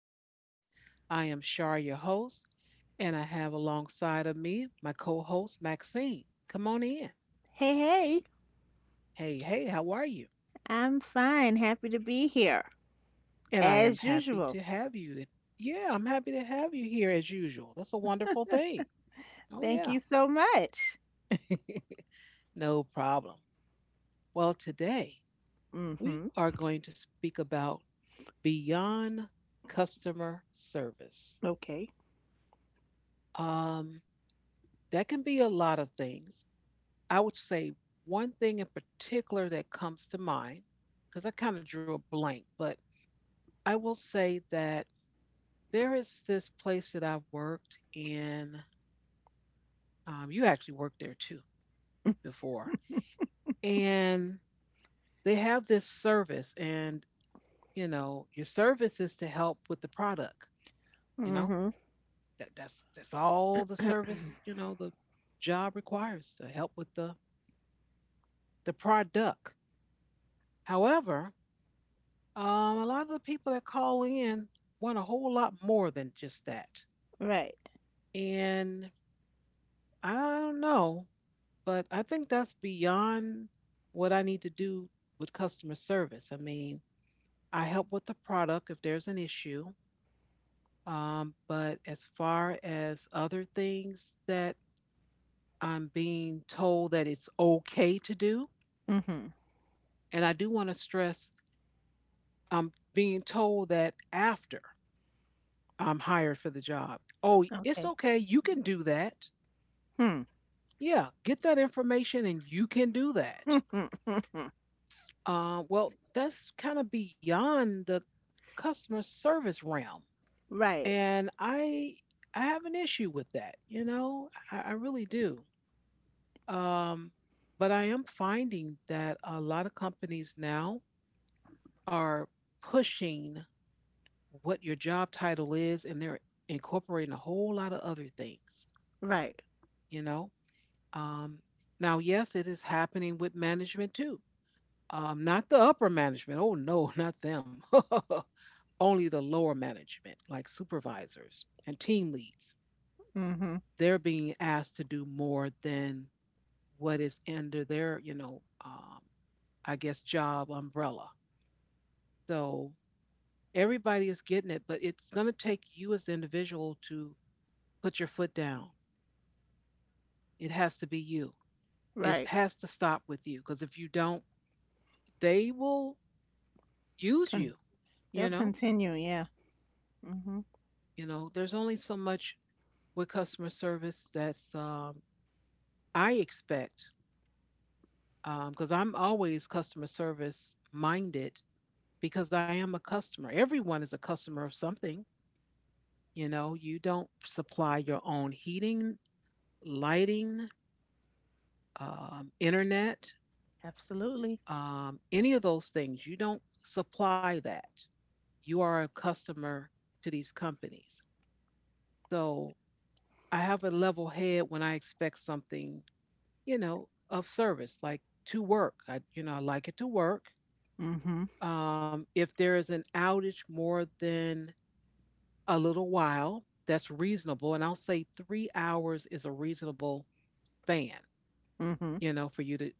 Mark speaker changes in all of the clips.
Speaker 1: land. I am Shar, your host, and I have alongside of me my co host, Maxine. Come on in.
Speaker 2: Hey, hey,
Speaker 1: Hey, hey, how are you?
Speaker 2: I'm fine. Happy to be here,
Speaker 1: And I am
Speaker 2: as
Speaker 1: happy to
Speaker 2: usual.
Speaker 1: have you. Yeah, I'm happy to have you here as usual. That's a wonderful thing. Oh,
Speaker 2: Thank you
Speaker 1: yeah.
Speaker 2: so much.
Speaker 1: No problem. Well, today we
Speaker 2: Mm-hmm.
Speaker 1: are going to speak about beyond customer service.
Speaker 2: Okay.
Speaker 1: Um, that can be a lot of things. I would say one thing in particular that comes to mind, because I kind of drew a blank, but I will say that there is this place that I've worked in. You actually worked there too before. And they have this service, and you know, your service is to help with the product, you know.
Speaker 2: Mm-hmm.
Speaker 1: That's all the service, you know, the job requires to help with the product. However, Um, a lot of the people that call in want a whole lot more than just that.
Speaker 2: Right.
Speaker 1: And I don't know, but I think that's beyond what I need to do with customer service. I mean, I help with the product if there's an issue. But as far as other things that I'm being told that it's okay to do,
Speaker 2: Mm-hmm.
Speaker 1: and I do want to stress I'm being told that after I'm hired for the job. Oh, it's
Speaker 2: Okay.
Speaker 1: okay. You can do that.
Speaker 2: Hmm.
Speaker 1: Yeah, get that information and you can do that. Well, that's kind of beyond the customer service realm.
Speaker 2: Right.
Speaker 1: And I have an issue with that, you know, I really do. Um, but I am finding that a lot of companies now are pushing what your job title is and they're incorporating a whole lot of other things,
Speaker 2: Right.
Speaker 1: you know. Um, Now, yes, it is happening with management too. Not the upper management. Oh no, not them. Only the lower management, like supervisors and team leads.
Speaker 2: Mm-hmm.
Speaker 1: They're being asked to do more than what is under their, you know, I guess job umbrella. So everybody is getting it, but it's going to take you as the individual to put your foot down. It has to be you. It
Speaker 2: Right.
Speaker 1: has to stop with you because if you don't, they will use you.
Speaker 2: Con-
Speaker 1: You
Speaker 2: they'll
Speaker 1: know,
Speaker 2: continue, yeah. Mm-hmm.
Speaker 1: you know, there's only so much with customer service that's I expect because I'm always customer service minded because I am a customer. Everyone is a customer of something. You know, you don't supply your own heating, lighting, internet,
Speaker 2: Absolutely.
Speaker 1: any of those things. You don't supply that. You are a customer to these companies. So I have a level head when I expect something, you know, of service, like to work. I, you know, I like it to work.
Speaker 2: Mm-hmm.
Speaker 1: If there is an outage more than a little while, that's reasonable. And I'll say 3 hours is a reasonable span,
Speaker 2: Mm-hmm.
Speaker 1: you know, for you to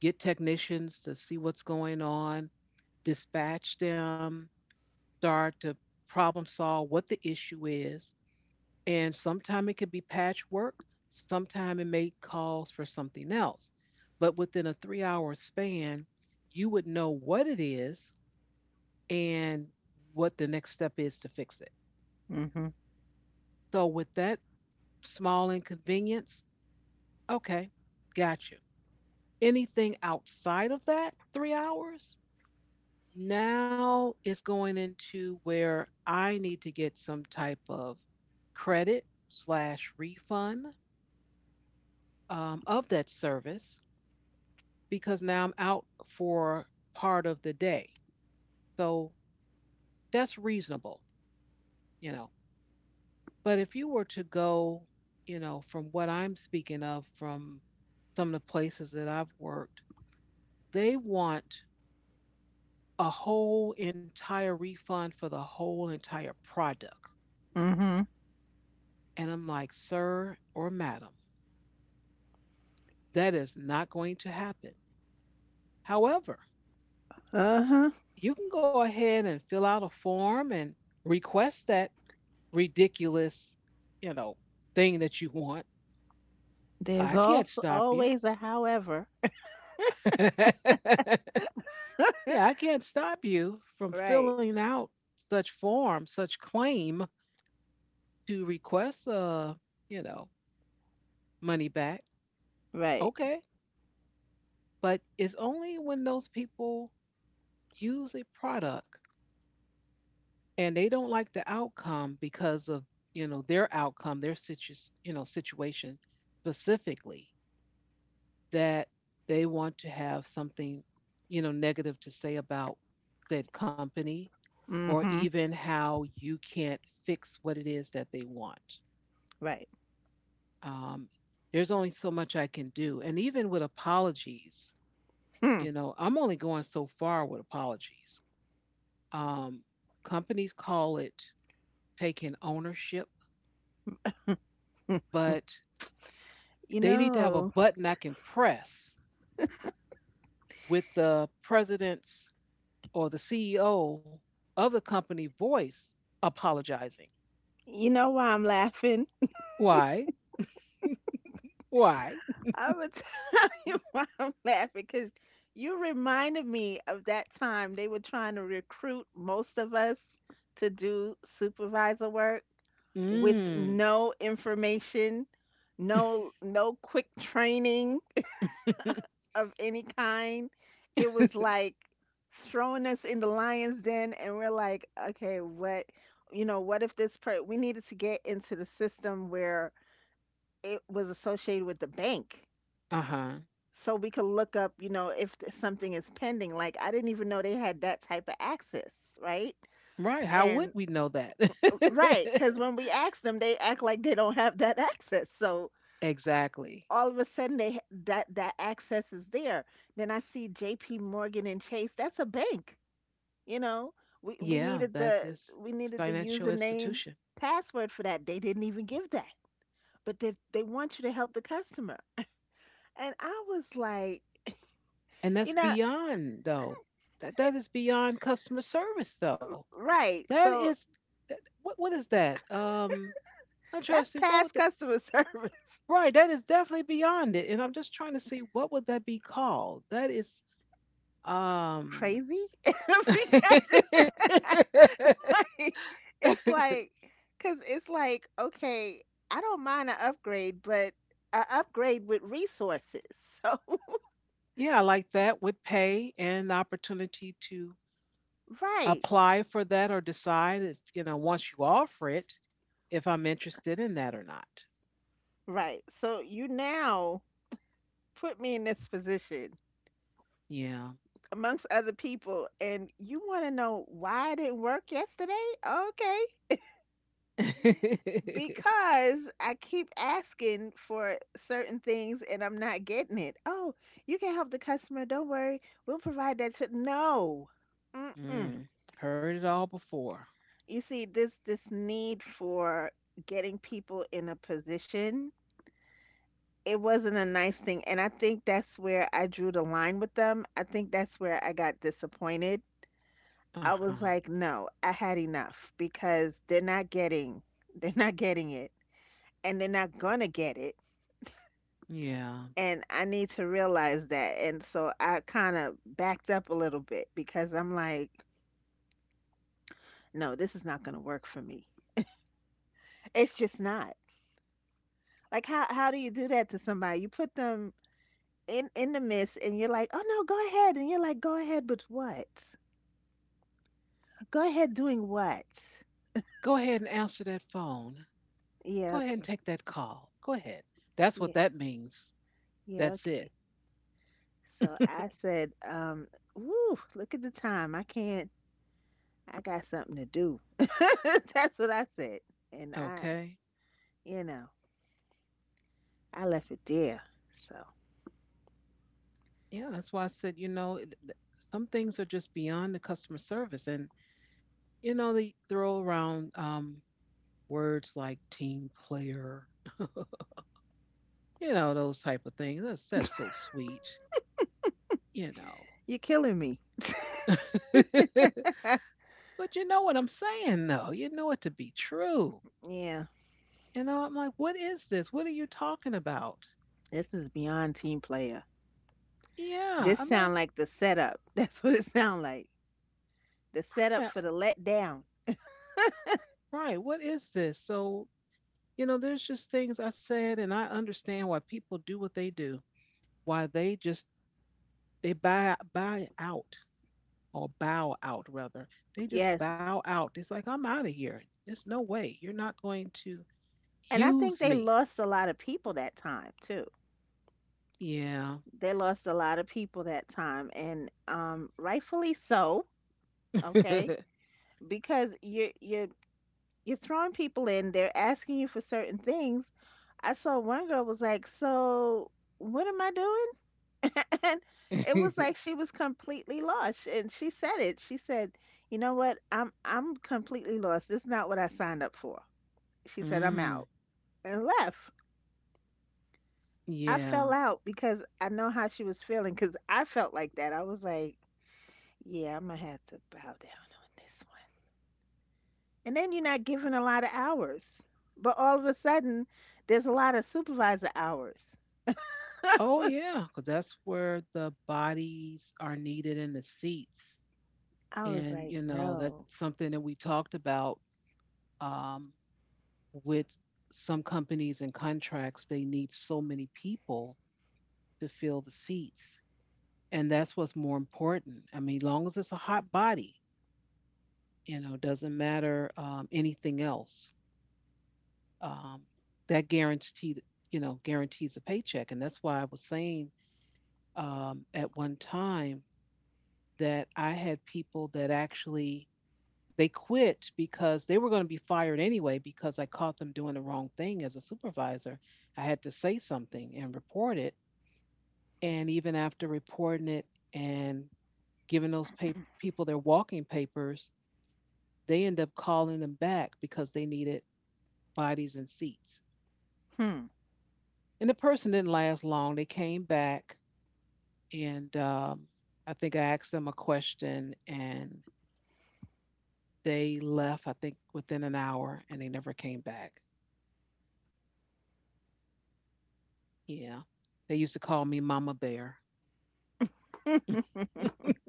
Speaker 1: get technicians to see what's going on, dispatch them, start to problem solve what the issue is, and sometime it could be patchwork, sometime it may cause for something else, but within a 3 hour span you would know what it is and what the next step is to fix it.
Speaker 2: Mm-hmm.
Speaker 1: So with that small inconvenience, okay, got you. Anything outside of that 3 hours, now it's going into where I need to get some type of credit slash refund, of that service, because now I'm out for part of the day. So that's reasonable, you know. But if you were to go, you know, from what I'm speaking of, from some of the places that I've worked, they want a whole entire refund for the whole entire product.
Speaker 2: Mm-hmm.
Speaker 1: And I'm like, sir or madam, that is not going to happen. However,
Speaker 2: Uh-huh.
Speaker 1: you can go ahead and fill out a form and request that ridiculous, you know, thing that you want.
Speaker 2: There's
Speaker 1: I can't
Speaker 2: also
Speaker 1: stop you.
Speaker 2: always a however.
Speaker 1: Yeah, I can't stop you from
Speaker 2: Right.
Speaker 1: filling out such form, such claim to request you know, money back.
Speaker 2: Right.
Speaker 1: Okay. But it's only when those people use a product and they don't like the outcome because of, you know, their outcome, their you know, situation specifically that they want to have something, you know, negative to say about said company or
Speaker 2: Mm-hmm.
Speaker 1: even how you can't fix what it is that they want.
Speaker 2: Right.
Speaker 1: Um, there's only so much I can do. And even with apologies,
Speaker 2: Hmm.
Speaker 1: you know, I'm only going so far with apologies. Um, Companies call it taking ownership, but
Speaker 2: You
Speaker 1: they need to have a
Speaker 2: know,
Speaker 1: button I can press with the president's or the CEO of the company voice apologizing.
Speaker 2: you know why I'm laughing?
Speaker 1: Why? Why?
Speaker 2: I'm gonna tell you why I'm laughing because you reminded me of that time they were trying to recruit most of us to do supervisor work with
Speaker 1: Mm.
Speaker 2: no information, no quick training
Speaker 1: Uh
Speaker 2: of any kind. It was like throwing us in the lion's den, and we're like, okay, what? You know, what if this per we needed to get into the system where it was associated with the bank.
Speaker 1: huh.
Speaker 2: So we could look up, you know, if something is pending. Like I didn't even know they had that type of access, right?
Speaker 1: Right. How would we
Speaker 2: And
Speaker 1: know that?
Speaker 2: right, because when we ask them, they act like they don't have that access. So
Speaker 1: Exactly.
Speaker 2: all of a sudden, that that access is there. Then I see J.P. Morgan and Chase. That's a bank, you know. We
Speaker 1: Yeah,
Speaker 2: needed
Speaker 1: that is
Speaker 2: the
Speaker 1: this
Speaker 2: we needed the
Speaker 1: financial
Speaker 2: username
Speaker 1: institution.
Speaker 2: password for that. They didn't even give that, but they want you to help the customer. And I was like,
Speaker 1: And that's
Speaker 2: you know,
Speaker 1: beyond, though. That is beyond customer service, though.
Speaker 2: right.
Speaker 1: That
Speaker 2: So
Speaker 1: is, what is that? I'm trying to
Speaker 2: that's
Speaker 1: see what would
Speaker 2: past
Speaker 1: the,
Speaker 2: customer service.
Speaker 1: right, that is definitely beyond it. And I'm just trying to see what would that be called? That is. Um,
Speaker 2: Crazy? because it's like, because it's like, okay, I don't mind an upgrade, but an upgrade with resources. So,
Speaker 1: yeah, like that with pay and the opportunity to
Speaker 2: right,
Speaker 1: apply for that or decide if, you know, once you offer it, if I'm interested in that or not.
Speaker 2: right. So you now put me in this position
Speaker 1: Yeah.
Speaker 2: amongst other people, and you want to know why it didn't work yesterday? Okay, because I keep asking for certain things and I'm not getting it. Oh, you can help the customer. Don't worry. We'll provide that to no. Mm-mm.
Speaker 1: Mm, heard it all before.
Speaker 2: You see, this need for getting people in a position, it wasn't a nice thing. And I think that's where I drew the line with them. I think that's where I got disappointed. I
Speaker 1: Uh
Speaker 2: was
Speaker 1: huh.
Speaker 2: like, no, I had enough because they're not getting it and they're not gonna get it
Speaker 1: Yeah.
Speaker 2: and I need to realize that. And so I kind of backed up a little bit because I'm like, no, this is not going to work for me. It's just not. Like how do you do that to somebody? You put them in the midst and you're like, "Oh no, go ahead." And you're like, "Go ahead, but what? Go ahead doing what?"
Speaker 1: Go ahead and answer that phone.
Speaker 2: Yeah,
Speaker 1: Go ahead and
Speaker 2: okay.
Speaker 1: take that call. Go ahead. That's what
Speaker 2: Yeah.
Speaker 1: that means.
Speaker 2: Yeah,
Speaker 1: That's it.
Speaker 2: okay. So I said, "Woo, look at the time. I can't. I got something to do." That's what I said. And I,
Speaker 1: Okay.
Speaker 2: you know, I left it there. So
Speaker 1: Yeah, that's why I said, you know, some things are just beyond the customer service. And, you know, they throw around words like team player, you know, those type of things. That's so sweet, you know.
Speaker 2: you're killing me.
Speaker 1: But you know what I'm saying, though. You know it to be true.
Speaker 2: Yeah,
Speaker 1: You know, I'm like, what is this? What are you talking about?
Speaker 2: this is beyond team player.
Speaker 1: Yeah,
Speaker 2: This
Speaker 1: I'm like,
Speaker 2: sound like the setup. That's what it sound like. The
Speaker 1: right,
Speaker 2: setup for the letdown.
Speaker 1: right, what is this? So, you know, there's just things I said, and I understand why people do what they do, why they just they buy out, or bow out rather. They just
Speaker 2: Yes.
Speaker 1: bow out. It's like I'm out of here. There's no way. You're not going to
Speaker 2: And I think
Speaker 1: use
Speaker 2: they
Speaker 1: me.
Speaker 2: lost a lot of people that time too.
Speaker 1: Yeah.
Speaker 2: They lost a lot of people that time and rightfully so, okay? Because you you're throwing people in, they're asking you for certain things. I saw one girl was like, "So, what am I doing?" and it was like she was completely lost and she said, you know what, I'm completely lost, this is not what I signed up for. She said, I'm
Speaker 1: Mm,
Speaker 2: out. And left. I
Speaker 1: yeah.
Speaker 2: fell out because I know how she was feeling because I felt like that. I was like, yeah, I'm gonna have to bow down on this one. And then you're not given a lot of hours, but all of a sudden there's a lot of supervisor hours. I
Speaker 1: Oh
Speaker 2: was,
Speaker 1: yeah. Because that's where the bodies are needed in the seats.
Speaker 2: I was
Speaker 1: And
Speaker 2: like,
Speaker 1: you know, that's
Speaker 2: no.
Speaker 1: something that we talked about, um, with some companies and contracts, they need so many people to fill the seats and that's what's more important. I mean, long as it's a hot body, you know, doesn't matter, anything else. Um, that guaranteed, you know, guarantees a paycheck, and that's why I was saying, at one time, that I had people that actually they quit because they were going to be fired anyway because I caught them doing the wrong thing as a supervisor. I had to say something and report it, and even after reporting it and giving those people their walking papers, they end up calling them back because they needed bodies and seats.
Speaker 2: Hmm.
Speaker 1: And the person didn't last long. They came back, and I think I asked them a question, and they left, I think, within an hour, and they never came back. Yeah. They used to call me Mama Bear.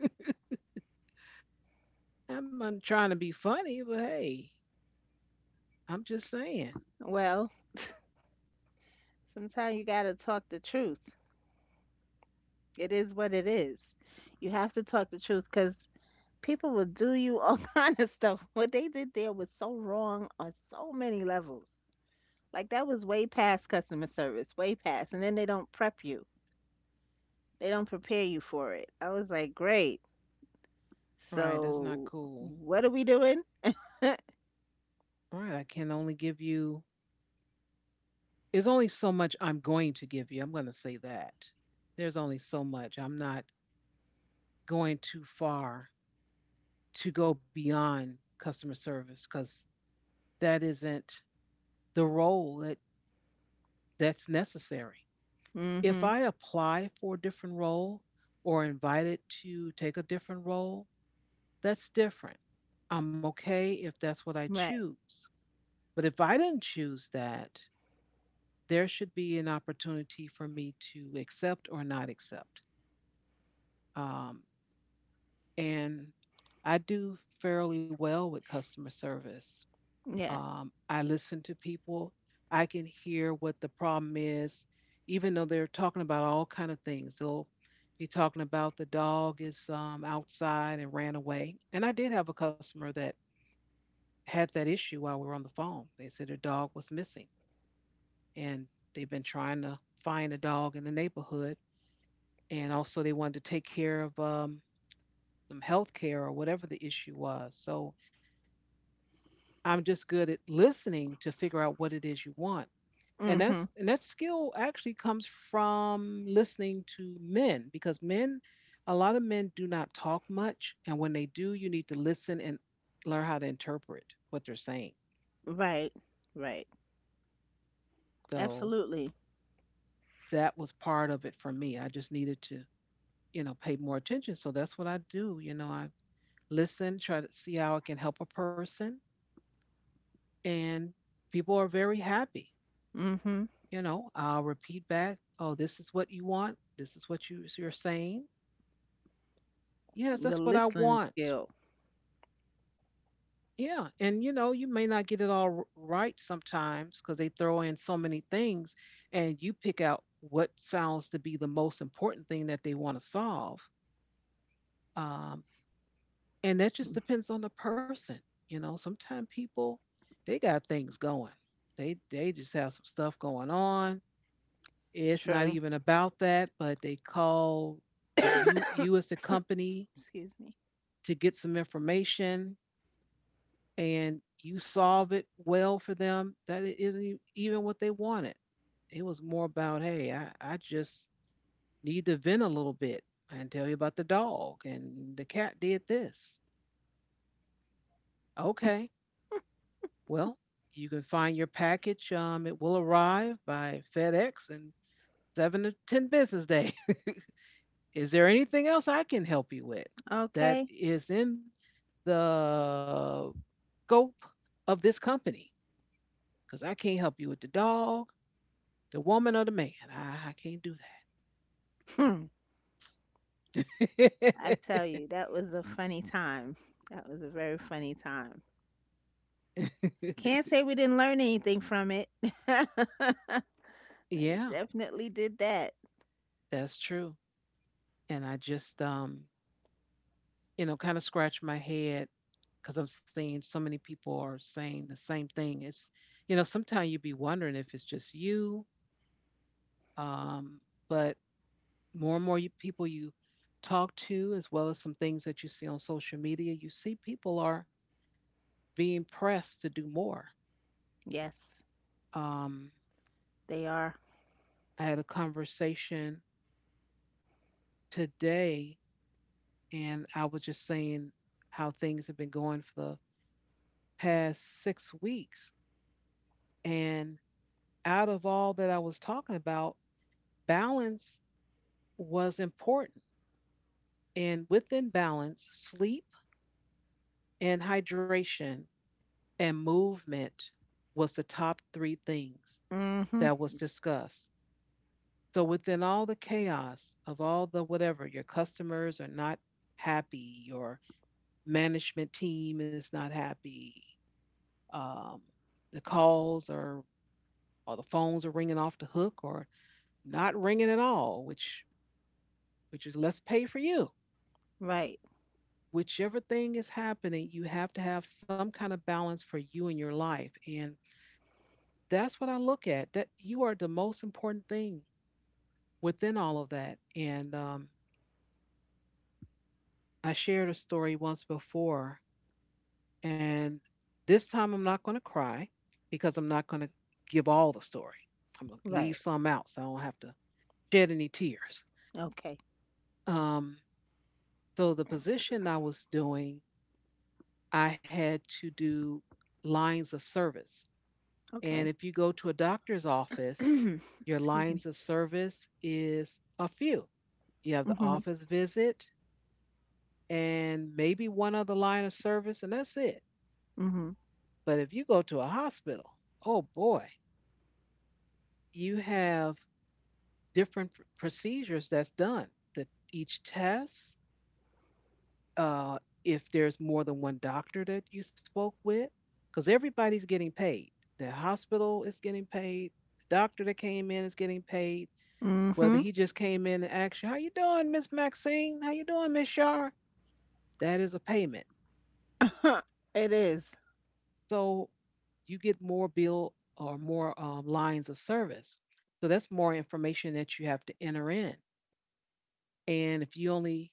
Speaker 1: I'm not trying to be funny, but hey, I'm just saying.
Speaker 2: Well, sometimes you got to talk the truth. It is what it is. You have to talk the truth because people will do you all kind of stuff. What they did there was so wrong on so many levels. Like that was way past customer service, way past. And then they don't prep you, they don't prepare you for it. I was like, great.
Speaker 1: Right, that's not
Speaker 2: So
Speaker 1: cool.
Speaker 2: what are we doing?
Speaker 1: All right, I can only give you, there's only so much I'm going to give you. I'm going to say that. There's only so much. I'm not going too far to go beyond customer service because that isn't the role that that's necessary.
Speaker 2: Mm
Speaker 1: If
Speaker 2: hmm.
Speaker 1: I apply for a different role or invited to take a different role, that's different. I'm okay if that's what I
Speaker 2: Right.
Speaker 1: choose. But if I didn't choose that, there should be an opportunity for me to accept or not accept. Um, and I do fairly well with customer service.
Speaker 2: Yes.
Speaker 1: I listen to people. I can hear what the problem is, even though they're talking about all kind of things. They'll be talking about the dog is, outside and ran away. And I did have a customer that had that issue while we were on the phone. They said their dog was missing, and they've been trying to find a dog in the neighborhood. And also, they wanted to take care of some health care or whatever the issue was. So I'm just good at listening to figure out what it is you want. And
Speaker 2: Mm hmm.
Speaker 1: that's, and that skill actually comes from listening to men, because men, a lot of men do not talk much, and when they do you need to listen and learn how to interpret what they're saying.
Speaker 2: Right. Right.
Speaker 1: So
Speaker 2: Absolutely.
Speaker 1: that was part of it for me. I just needed to, you know, pay more attention. So that's what I do, you know, I listen, try to see how I can help a person, and people are very happy.
Speaker 2: Mm hmm.
Speaker 1: You know, I'll repeat back, oh, this is what you want. This is what you're saying. Yes,
Speaker 2: The
Speaker 1: that's what I
Speaker 2: listening
Speaker 1: want.
Speaker 2: skill.
Speaker 1: Yeah. And you may not get it all right sometimes because they throw in so many things, and you pick out what sounds to be the most important thing that they want to solve. Um, and that just depends on the person. Sometimes people, they got things going. They just have some stuff going on. It's not
Speaker 2: True.
Speaker 1: even about that, but they call the you as the company
Speaker 2: Excuse me.
Speaker 1: to get some information, and you solve it well for them. That isn't even what they wanted. It was more about, hey, I just need to vent a little bit and tell you about the dog and the cat did this. Okay, well, you can find your package. It will arrive by FedEx in 7 to 10 business days. Is there anything else I can help you with that
Speaker 2: Okay.
Speaker 1: is in the scope of this company? Because I can't help you with the dog, the woman, or the man. I can't do
Speaker 2: Hmm. I
Speaker 1: that.
Speaker 2: tell you, that was a funny time. That was a very funny time. Can't say we didn't learn anything from it. We
Speaker 1: Yeah,
Speaker 2: definitely did that.
Speaker 1: that's true. And I just, kind of scratch my head because I'm seeing so many people are saying the same thing. It's, sometimes you be wondering if it's just you. Um, but more and more people you talk to, as well as some things that you see on social media, you see people are being pressed to do more.
Speaker 2: Yes,
Speaker 1: Um,
Speaker 2: they are.
Speaker 1: I had a conversation today, and I was just saying how things have been going for the past 6 weeks. And out of all that I was talking about, balance was important. And within balance, sleep and hydration and movement was the top three things
Speaker 2: Mm-hmm.
Speaker 1: that was discussed. So within all the chaos of all the whatever, your customers are not happy, your management team is not happy, um, the calls are the phones are ringing off the hook or not ringing at all, which is less pay for you.
Speaker 2: Right.
Speaker 1: Whichever thing is happening, you have to have some kind of balance for you in your life. And that's what I look at. That you are the most important thing within all of that. And I shared a story once before, and this time I'm not going to cry because I'm not going to give all the story. I'm going to leave
Speaker 2: Right.
Speaker 1: some out so I don't have to shed any tears.
Speaker 2: Okay.
Speaker 1: Um, so, the position I was doing, I had to do lines of service. And
Speaker 2: Okay.
Speaker 1: if you go to a doctor's office, your
Speaker 2: Excuse me.
Speaker 1: lines of service is a few. You have the
Speaker 2: Mm-hmm.
Speaker 1: office visit and maybe one other line of service, and that's it.
Speaker 2: Mm-hmm.
Speaker 1: But if you go to a hospital, oh boy, you have different procedures that's done. The, each test, uh, if there's more than one doctor that you spoke with, because everybody's getting paid. The hospital is getting paid. The doctor that came in is getting paid. Whether
Speaker 2: Mm-hmm.
Speaker 1: he just came in and asked you, "How you doing, Miss Maxine? How you doing, Miss Shar?" That is a payment.
Speaker 2: It is.
Speaker 1: So you get more bill or more lines of service. So that's more information that you have to enter in. And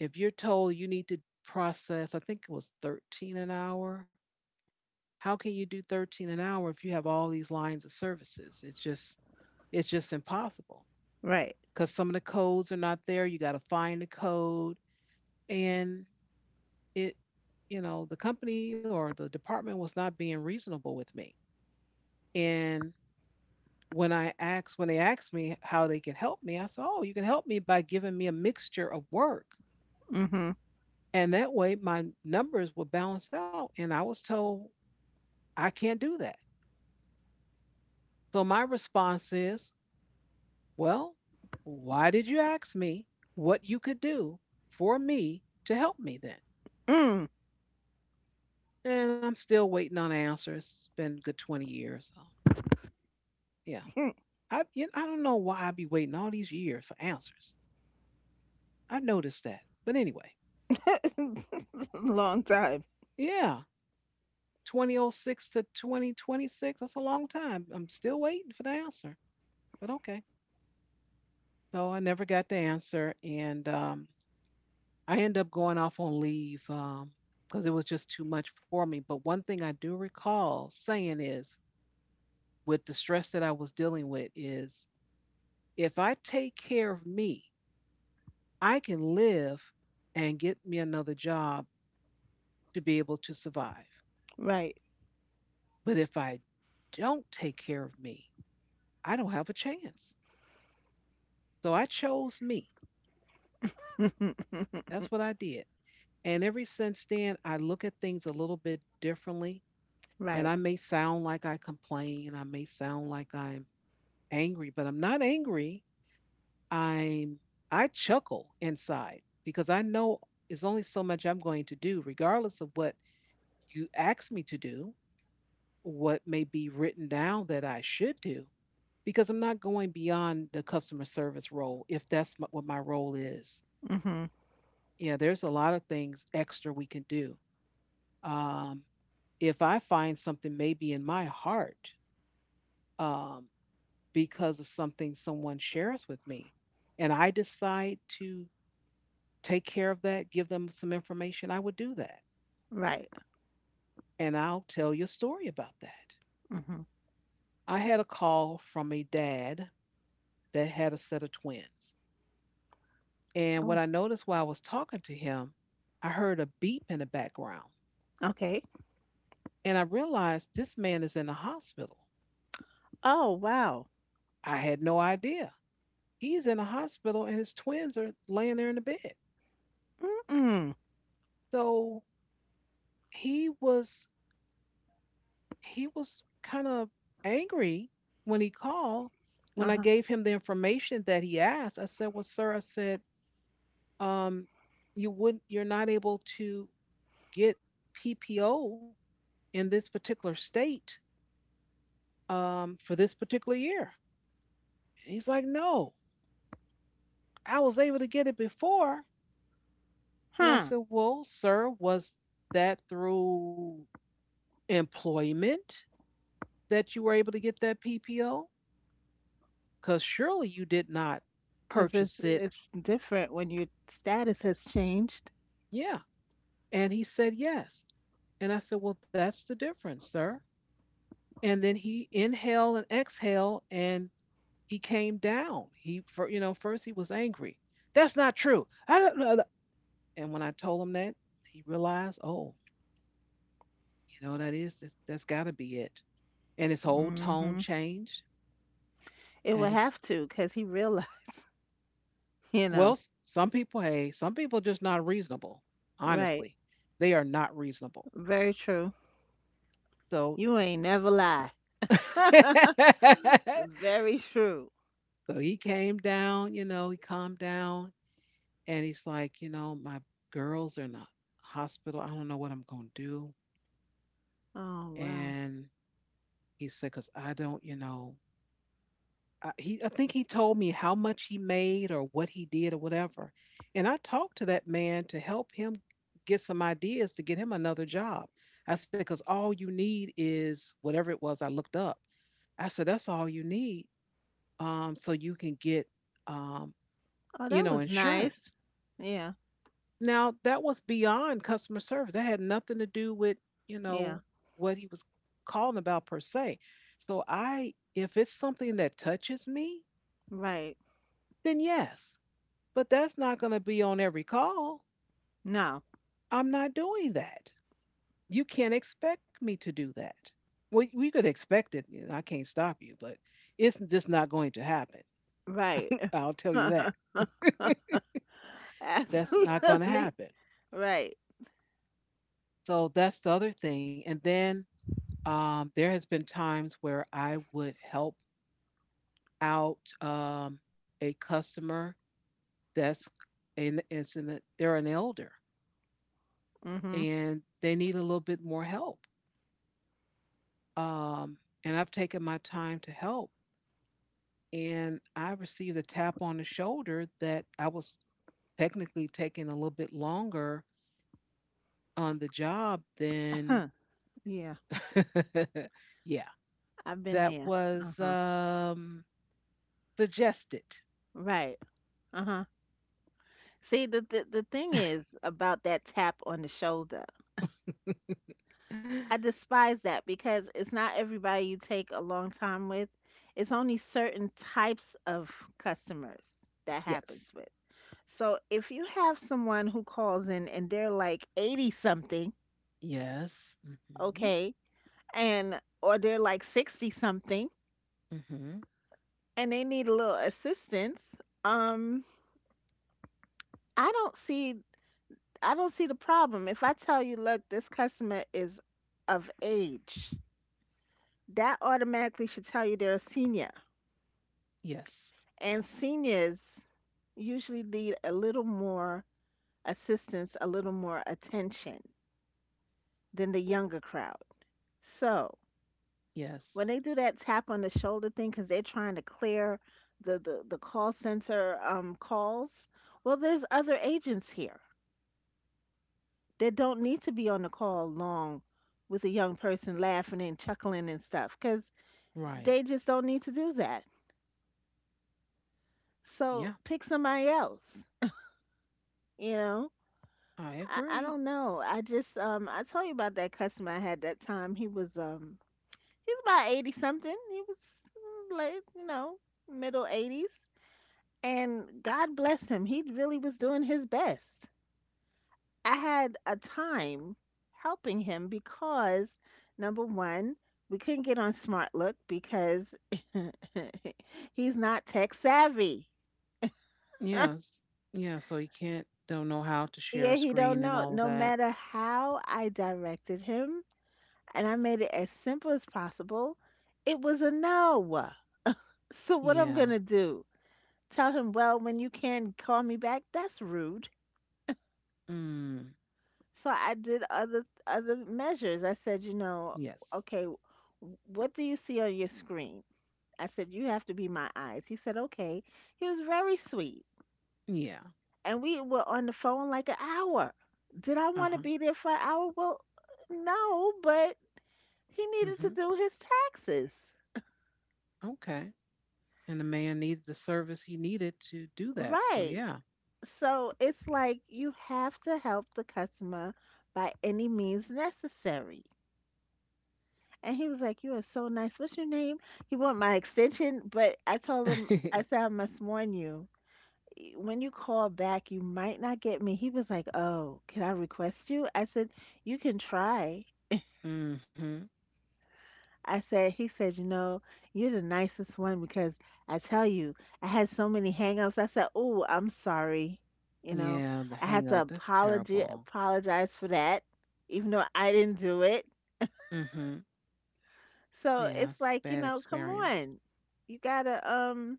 Speaker 1: if you're told you need to process, I think it was 13 an hour. How can you do 13 an hour if you have all these lines of services? It's just impossible
Speaker 2: Right.
Speaker 1: because some of the codes are not there. You got to find the code, and it, the company or the department was not being reasonable with me. And when they asked me how they can help me, I said, "Oh, you can help me by giving me a mixture of work,
Speaker 2: Mm-hmm.
Speaker 1: and that way my numbers will balance out." And I was told I can't do that. So my response is, "Well, why did you ask me what you could do for me to help me then?"
Speaker 2: Mm.
Speaker 1: And I'm still waiting on answers. It's been a good 20 years. So, yeah, I don't know why I be waiting all these years for answers. I noticed that, but anyway,
Speaker 2: Long time.
Speaker 1: yeah. 2006 to 2026. That's a long time. I'm still waiting for the answer, but okay. So I never got the answer, and I ended up going off on leave because it was just too much for me. But one thing I do recall saying is, with the stress that I was dealing with, is if I take care of me, I can live and get me another job to be able to survive.
Speaker 2: Right.
Speaker 1: But if I don't take care of me, I don't have a chance. So I chose me. That's what I did. And ever since then, I look at things a little bit differently. And I
Speaker 2: Right.
Speaker 1: may sound like I complain, I may sound like I'm angry, but I'm not angry. I'm I chuckle inside because I know it's only so much I'm going to do, regardless of what you ask me to do, what may be written down that I should do, because I'm not going beyond the customer service role if that's what my role is.
Speaker 2: Mhm.
Speaker 1: Yeah, there's a lot of things extra we can do, um, if I find something maybe in my heart, um, because of something someone shares with me, and I decide to take care of that, give them some information, I would do that.
Speaker 2: Right.
Speaker 1: And I'll tell you a story about that.
Speaker 2: Mhm.
Speaker 1: I had a call from a dad that had a set of twins. And what
Speaker 2: Oh,
Speaker 1: I noticed while I was talking to him, I heard a beep in the background.
Speaker 2: okay.
Speaker 1: And I realized this man is in the hospital.
Speaker 2: Oh, wow.
Speaker 1: I had no idea. He's in the hospital and his twins are laying there in the bed.
Speaker 2: Mm-mm.
Speaker 1: So he was he was kind of angry when he called. When
Speaker 2: Uh-huh.
Speaker 1: I
Speaker 2: Huh.
Speaker 1: gave him the information that he asked, I said, "Well, sir, um, you're not able to get PPO in this particular state, for this particular year." And he's like, "No, I was able to get it before." And I
Speaker 2: Huh.
Speaker 1: said, "Well, sir, was that through employment? That you were able to get that PPO? Because surely you did not
Speaker 2: Cause it's
Speaker 1: purchase it."
Speaker 2: it's different when your status has changed.
Speaker 1: Yeah. And he said, yes. And I said, well, that's the difference, sir. And then he inhaled and exhaled, and he came down. He, for, you know, First he was angry. That's not true, I don't know. And when I told him that, he realized, oh, you know, that's got to be it. And his whole tone
Speaker 2: Mhm.
Speaker 1: changed.
Speaker 2: It
Speaker 1: And
Speaker 2: would
Speaker 1: he's,
Speaker 2: have to, cause he realized, you
Speaker 1: well,
Speaker 2: know.
Speaker 1: some people, hey, some people just not reasonable.
Speaker 2: Right.
Speaker 1: Honestly, they are not reasonable.
Speaker 2: Very true.
Speaker 1: So,
Speaker 2: You ain't never lie.
Speaker 1: so
Speaker 2: Very true.
Speaker 1: he came down. You know, he calmed down, and he's like, my girls are in the hospital. I don't know what I'm gonna do.
Speaker 2: Oh, wow.
Speaker 1: And he said, cause I don't, you know, I, he I think he told me how much he made or what he did or whatever. And I talked to that man to help him get some ideas to get him another job. I said, because all you need is whatever it was I looked up. I said, that's all you need, so you can get, um,
Speaker 2: Oh, that was nice.
Speaker 1: insurance.
Speaker 2: Yeah.
Speaker 1: Now, that was beyond customer service. That had nothing to do with,
Speaker 2: Yeah.
Speaker 1: what he was calling about per se. So if it's something that touches me,
Speaker 2: Right.
Speaker 1: then yes. But that's not going to be on every call.
Speaker 2: No.
Speaker 1: I'm not doing that. You can't expect me to do that. Well, we could expect it. I can't stop you, but it's just not going to happen.
Speaker 2: Right.
Speaker 1: I'll tell you that. That's not going to
Speaker 2: Absolutely.
Speaker 1: happen.
Speaker 2: Right.
Speaker 1: So that's the other thing. And then, there has been times where I would help out, a customer that's an elder,
Speaker 2: Mhm.
Speaker 1: and they need a little bit more help. Um, and I've taken my time to help. And I received a tap on the shoulder that I was technically taking a little bit longer on the job than,
Speaker 2: Yeah,
Speaker 1: yeah,
Speaker 2: I've been
Speaker 1: that
Speaker 2: there.
Speaker 1: was,
Speaker 2: Uh-huh.
Speaker 1: suggested.
Speaker 2: Right. Uh-huh. See, the thing is about that tap on the shoulder. I despise that because it's not everybody you take a long time with. It's only certain types of customers that happens
Speaker 1: Yes.
Speaker 2: with. So if you have someone who calls in and they're like 80 something,
Speaker 1: Yes. Hmm.
Speaker 2: okay, and or they're like 60 something
Speaker 1: Hmm.
Speaker 2: and they need a little assistance, um I don't see I don't see the problem. If I tell you, look, this customer is of age, that automatically should tell you they're a senior.
Speaker 1: Yes.
Speaker 2: And seniors usually need a little more assistance, a little more attention than the younger crowd. So when
Speaker 1: Yes.
Speaker 2: they do that tap on the shoulder thing, because they're trying to clear the call center calls, well, there's other agents here. They don't need to be on the call long with a young person laughing and chuckling and stuff because they
Speaker 1: Right.
Speaker 2: just don't need to do that. So
Speaker 1: Yeah.
Speaker 2: pick somebody else, you know?
Speaker 1: I
Speaker 2: I don't
Speaker 1: agree.
Speaker 2: know. I just I told you about that customer I had that time. He was he's about 80 something. He was mm, late, you know, middle eighties. And God bless him. He really was doing his best. I had a time helping him because number one, we couldn't get on Smart Look because he's not tech savvy.
Speaker 1: Yes. Yeah. So you can't, don't know how to
Speaker 2: Yeah,
Speaker 1: share a
Speaker 2: he don't
Speaker 1: screen
Speaker 2: know.
Speaker 1: and all
Speaker 2: No
Speaker 1: of that.
Speaker 2: matter how I directed him and I made it as simple as possible, it was a no. So what I'm
Speaker 1: Yeah.
Speaker 2: gonna do? Tell him, well, when you can call me back, that's rude.
Speaker 1: Mm,
Speaker 2: So I did other measures. I said, you know,
Speaker 1: yes.
Speaker 2: okay, what do you see on your screen? I said, you have to be my eyes. He said, okay. He was very sweet.
Speaker 1: Yeah.
Speaker 2: And we were on the phone like an hour. Did I want to
Speaker 1: Uh-huh.
Speaker 2: be there for an hour? Well, no, but he needed to
Speaker 1: Hmm.
Speaker 2: do his taxes.
Speaker 1: Okay. And the man needed the service, he needed to do that. So
Speaker 2: Right.
Speaker 1: yeah.
Speaker 2: So it's like you have to help the customer by any means necessary. And he was like, you are so nice. What's your name? He want my extension, but I told him, I said, I must warn you, when you call back, you might not get me. He was like, oh, can I request you? I said, you can try.
Speaker 1: Hmm.
Speaker 2: He said, you know, you're the nicest one because I tell you, I had so many hangups. I said, oh, I'm sorry. You know,
Speaker 1: Yeah, the
Speaker 2: I had
Speaker 1: hang
Speaker 2: to
Speaker 1: up. That's terrible.
Speaker 2: apologize for that, even though I didn't do it.
Speaker 1: Hmm.
Speaker 2: So
Speaker 1: Yeah,
Speaker 2: it's
Speaker 1: it's a
Speaker 2: like, you
Speaker 1: bad
Speaker 2: know, come
Speaker 1: experience.
Speaker 2: on. You gotta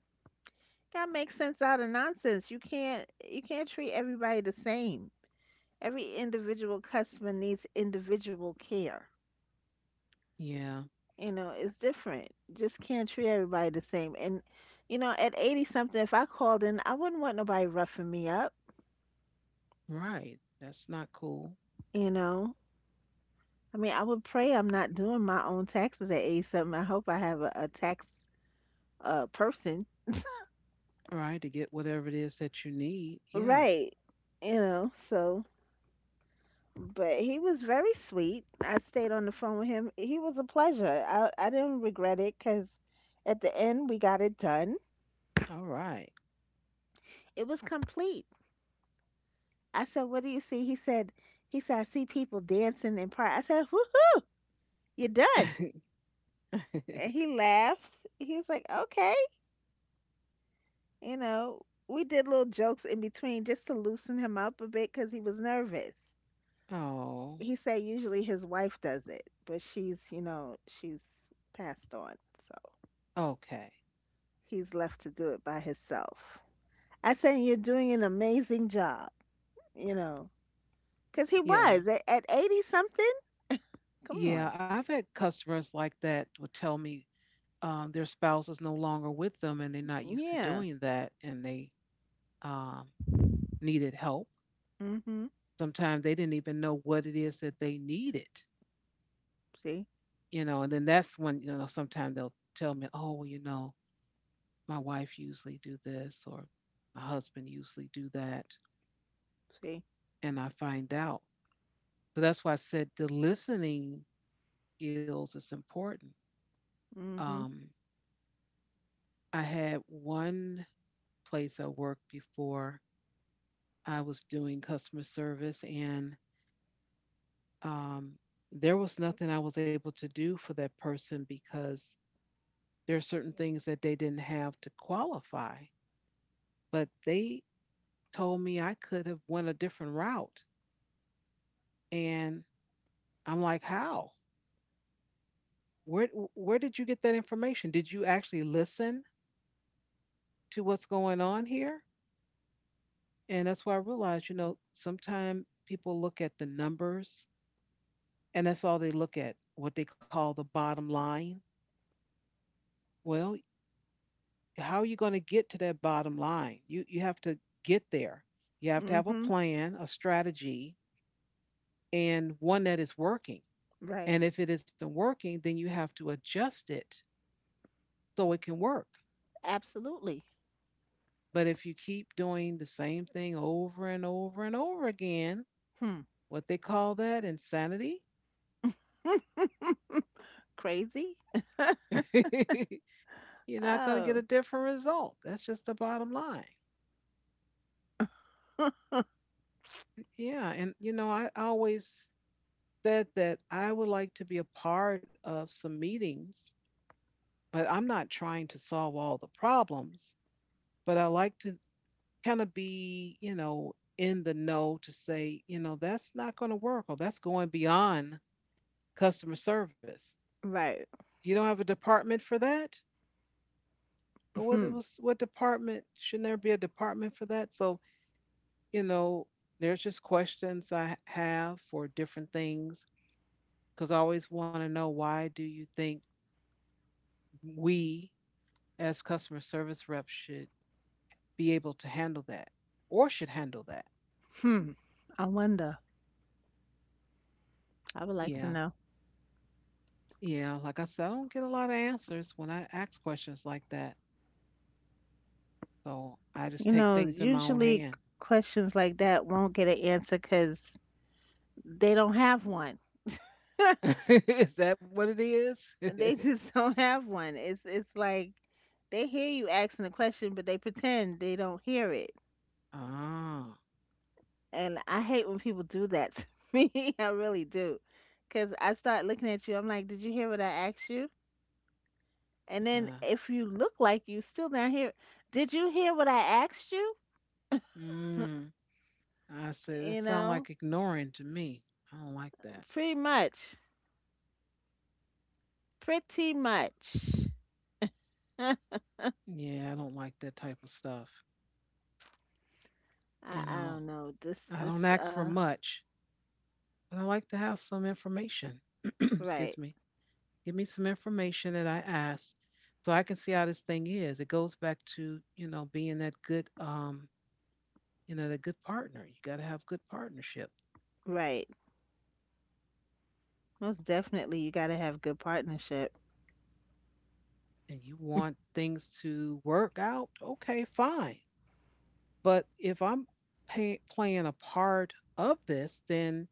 Speaker 2: gotta make sense out of nonsense. You can't treat everybody the same. Every individual customer needs individual care.
Speaker 1: Yeah.
Speaker 2: You know, it's different. Just can't treat everybody the same. And you know, at 80 something, if I called in, I wouldn't want nobody roughing me up,
Speaker 1: Right. That's not cool.
Speaker 2: you know. I mean, I would pray I'm not doing my own taxes at 80 something. I hope I have a tax person.
Speaker 1: Right, to get whatever it is that you need. Yeah.
Speaker 2: Right. You know, so but he was very sweet. I stayed on the phone with him. He was a pleasure. I didn't regret it cuz at the end we got it done.
Speaker 1: All right.
Speaker 2: It was complete. I said, what do you see? He said, I see people dancing in park. I said, woohoo, you done. And he laughed. He was like, okay. You know, we did little jokes in between just to loosen him up a bit because he was nervous.
Speaker 1: Oh,
Speaker 2: He said usually his wife does it, but she's passed on. So
Speaker 1: okay.
Speaker 2: he's left to do it by himself. I said, you're doing an amazing job, you know, because he
Speaker 1: Yeah.
Speaker 2: was at 80 something. Come on.
Speaker 1: Yeah, I've had customers like that would tell me their spouse is no longer with them and they're not used to
Speaker 2: Yeah.
Speaker 1: doing that and they um, needed help.
Speaker 2: Mm hmm.
Speaker 1: Sometimes they didn't even know what it is that they needed,
Speaker 2: See?
Speaker 1: you know, and then that's when, you know, sometimes they'll tell me, oh, well, you know, my wife usually do this or my husband usually do that.
Speaker 2: See?
Speaker 1: And I find out. So that's why I said the listening skills is important.
Speaker 2: Mhm.
Speaker 1: Um, I had one place I worked before I was doing customer service and um, there was nothing I was able to do for that person because there are certain things that they didn't have to qualify. But they told me I could have went a different route, and I'm like, how? Where where did you get that information? Did you actually listen to what's going on here? And that's why I realized, you know, sometimes people look at the numbers, and that's all they look at, what they call the bottom line. Well, how are you going to get to that bottom line? You have to get there. You have to have a
Speaker 2: Mhm.
Speaker 1: plan, a strategy, and one that is working.
Speaker 2: Right.
Speaker 1: And if it isn't working, then you have to adjust it so it can work.
Speaker 2: Absolutely.
Speaker 1: But if you keep doing the same thing over and over and over again,
Speaker 2: Hmm.
Speaker 1: what they call that insanity,
Speaker 2: Crazy?
Speaker 1: you're not going to get a
Speaker 2: Oh.
Speaker 1: different result. That's just the bottom line. Yeah. And, you know, I always said that I would like to be a part of some meetings. But I'm not trying to solve all the problems, but I like to kind of be, you know, in the know to say, you know, that's not going to work or that's going beyond customer service.
Speaker 2: Right.
Speaker 1: You don't have a department for that? But what it
Speaker 2: Hmm.
Speaker 1: was what department shouldn't there be a department for that? So, you know, there's just questions I have for different things because I always want to know why do you think we as customer service reps should be able to handle that or should handle that?
Speaker 2: Hmm. I wonder. I would like to
Speaker 1: Yeah.
Speaker 2: know.
Speaker 1: Yeah. Like I said, I don't get a lot of answers when I ask questions like that. So I just
Speaker 2: You
Speaker 1: take
Speaker 2: know,
Speaker 1: things in my own
Speaker 2: usually
Speaker 1: hand.
Speaker 2: questions like that won't get an answer because they don't have one.
Speaker 1: Is that what it is?
Speaker 2: They just don't have one. It's like they hear you asking the question, but they pretend they don't hear it.
Speaker 1: Ah.
Speaker 2: And I hate when people do that to me. I really do. Because I start looking at you. I'm like, "Did you hear what I asked you?" And then
Speaker 1: Uh,
Speaker 2: if you look like you still down here, did you hear what I asked you?
Speaker 1: mm. I say that
Speaker 2: You
Speaker 1: sound like
Speaker 2: know,
Speaker 1: ignoring to me. I don't like that.
Speaker 2: pretty much. Pretty much. I,
Speaker 1: Yeah, I don't like that type of stuff. You
Speaker 2: I
Speaker 1: know,
Speaker 2: don't know.
Speaker 1: I don't ask for much, but I like to have some information. Excuse
Speaker 2: Right,
Speaker 1: me. Give me some information that I asked so I can see how this thing is. It goes back to, you know, being that good, you know, that good partner. You got to have good partnership
Speaker 2: right. Most definitely, you got to have good partnership.
Speaker 1: and you want things to work out. Okay, fine. But if I'm playing a part of this, then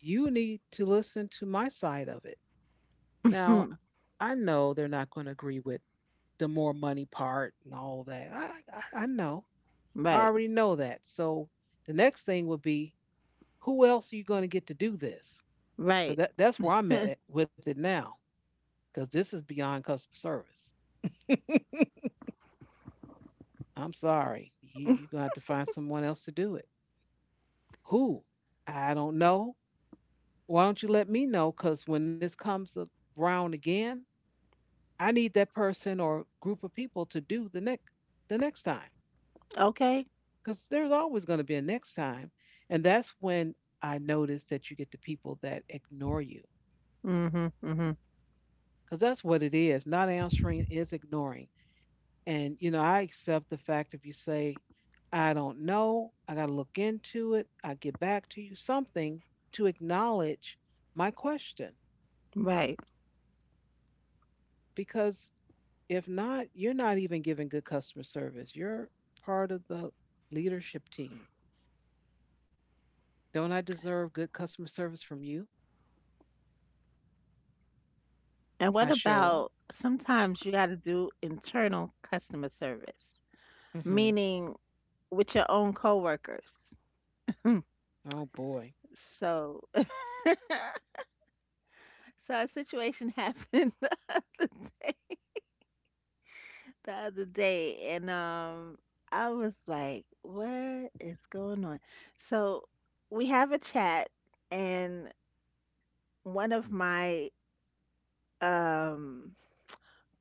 Speaker 1: you need to listen to my side of it. Now, I know they're not going to agree with the more money part and all that. I know. I
Speaker 2: right,
Speaker 1: already know that. So the next thing would be who else are you going to get to do this? Because
Speaker 2: right.
Speaker 1: that's where I'm at with it now. Because this is beyond customer service. I'm sorry. You're going to have to find someone else to do it. Who? I don't know. Why don't you let me know? Because when this comes around again, I need that person or group of people to do the next time.
Speaker 2: Okay.
Speaker 1: Because there's always going to be a next time. And that's when I notice that you get the people that ignore you
Speaker 2: Mm hmm, mm
Speaker 1: because that's what it is. Not answering is ignoring. And, you know, I accept the fact if you say, I don't know, I got to look into it, I get back to you, something to acknowledge my question.
Speaker 2: hmm. Right.
Speaker 1: Because if not, you're not even giving good customer service. You're part of the leadership team. Don't I deserve good customer service from you?
Speaker 2: And what
Speaker 1: I
Speaker 2: about
Speaker 1: show up.
Speaker 2: sometimes you got to do internal customer service,
Speaker 1: Hmm.
Speaker 2: meaning with your own coworkers.
Speaker 1: Oh, boy.
Speaker 2: So, so a situation happened the other day, and I was like, "What is going on?" So we have a chat, and one of my um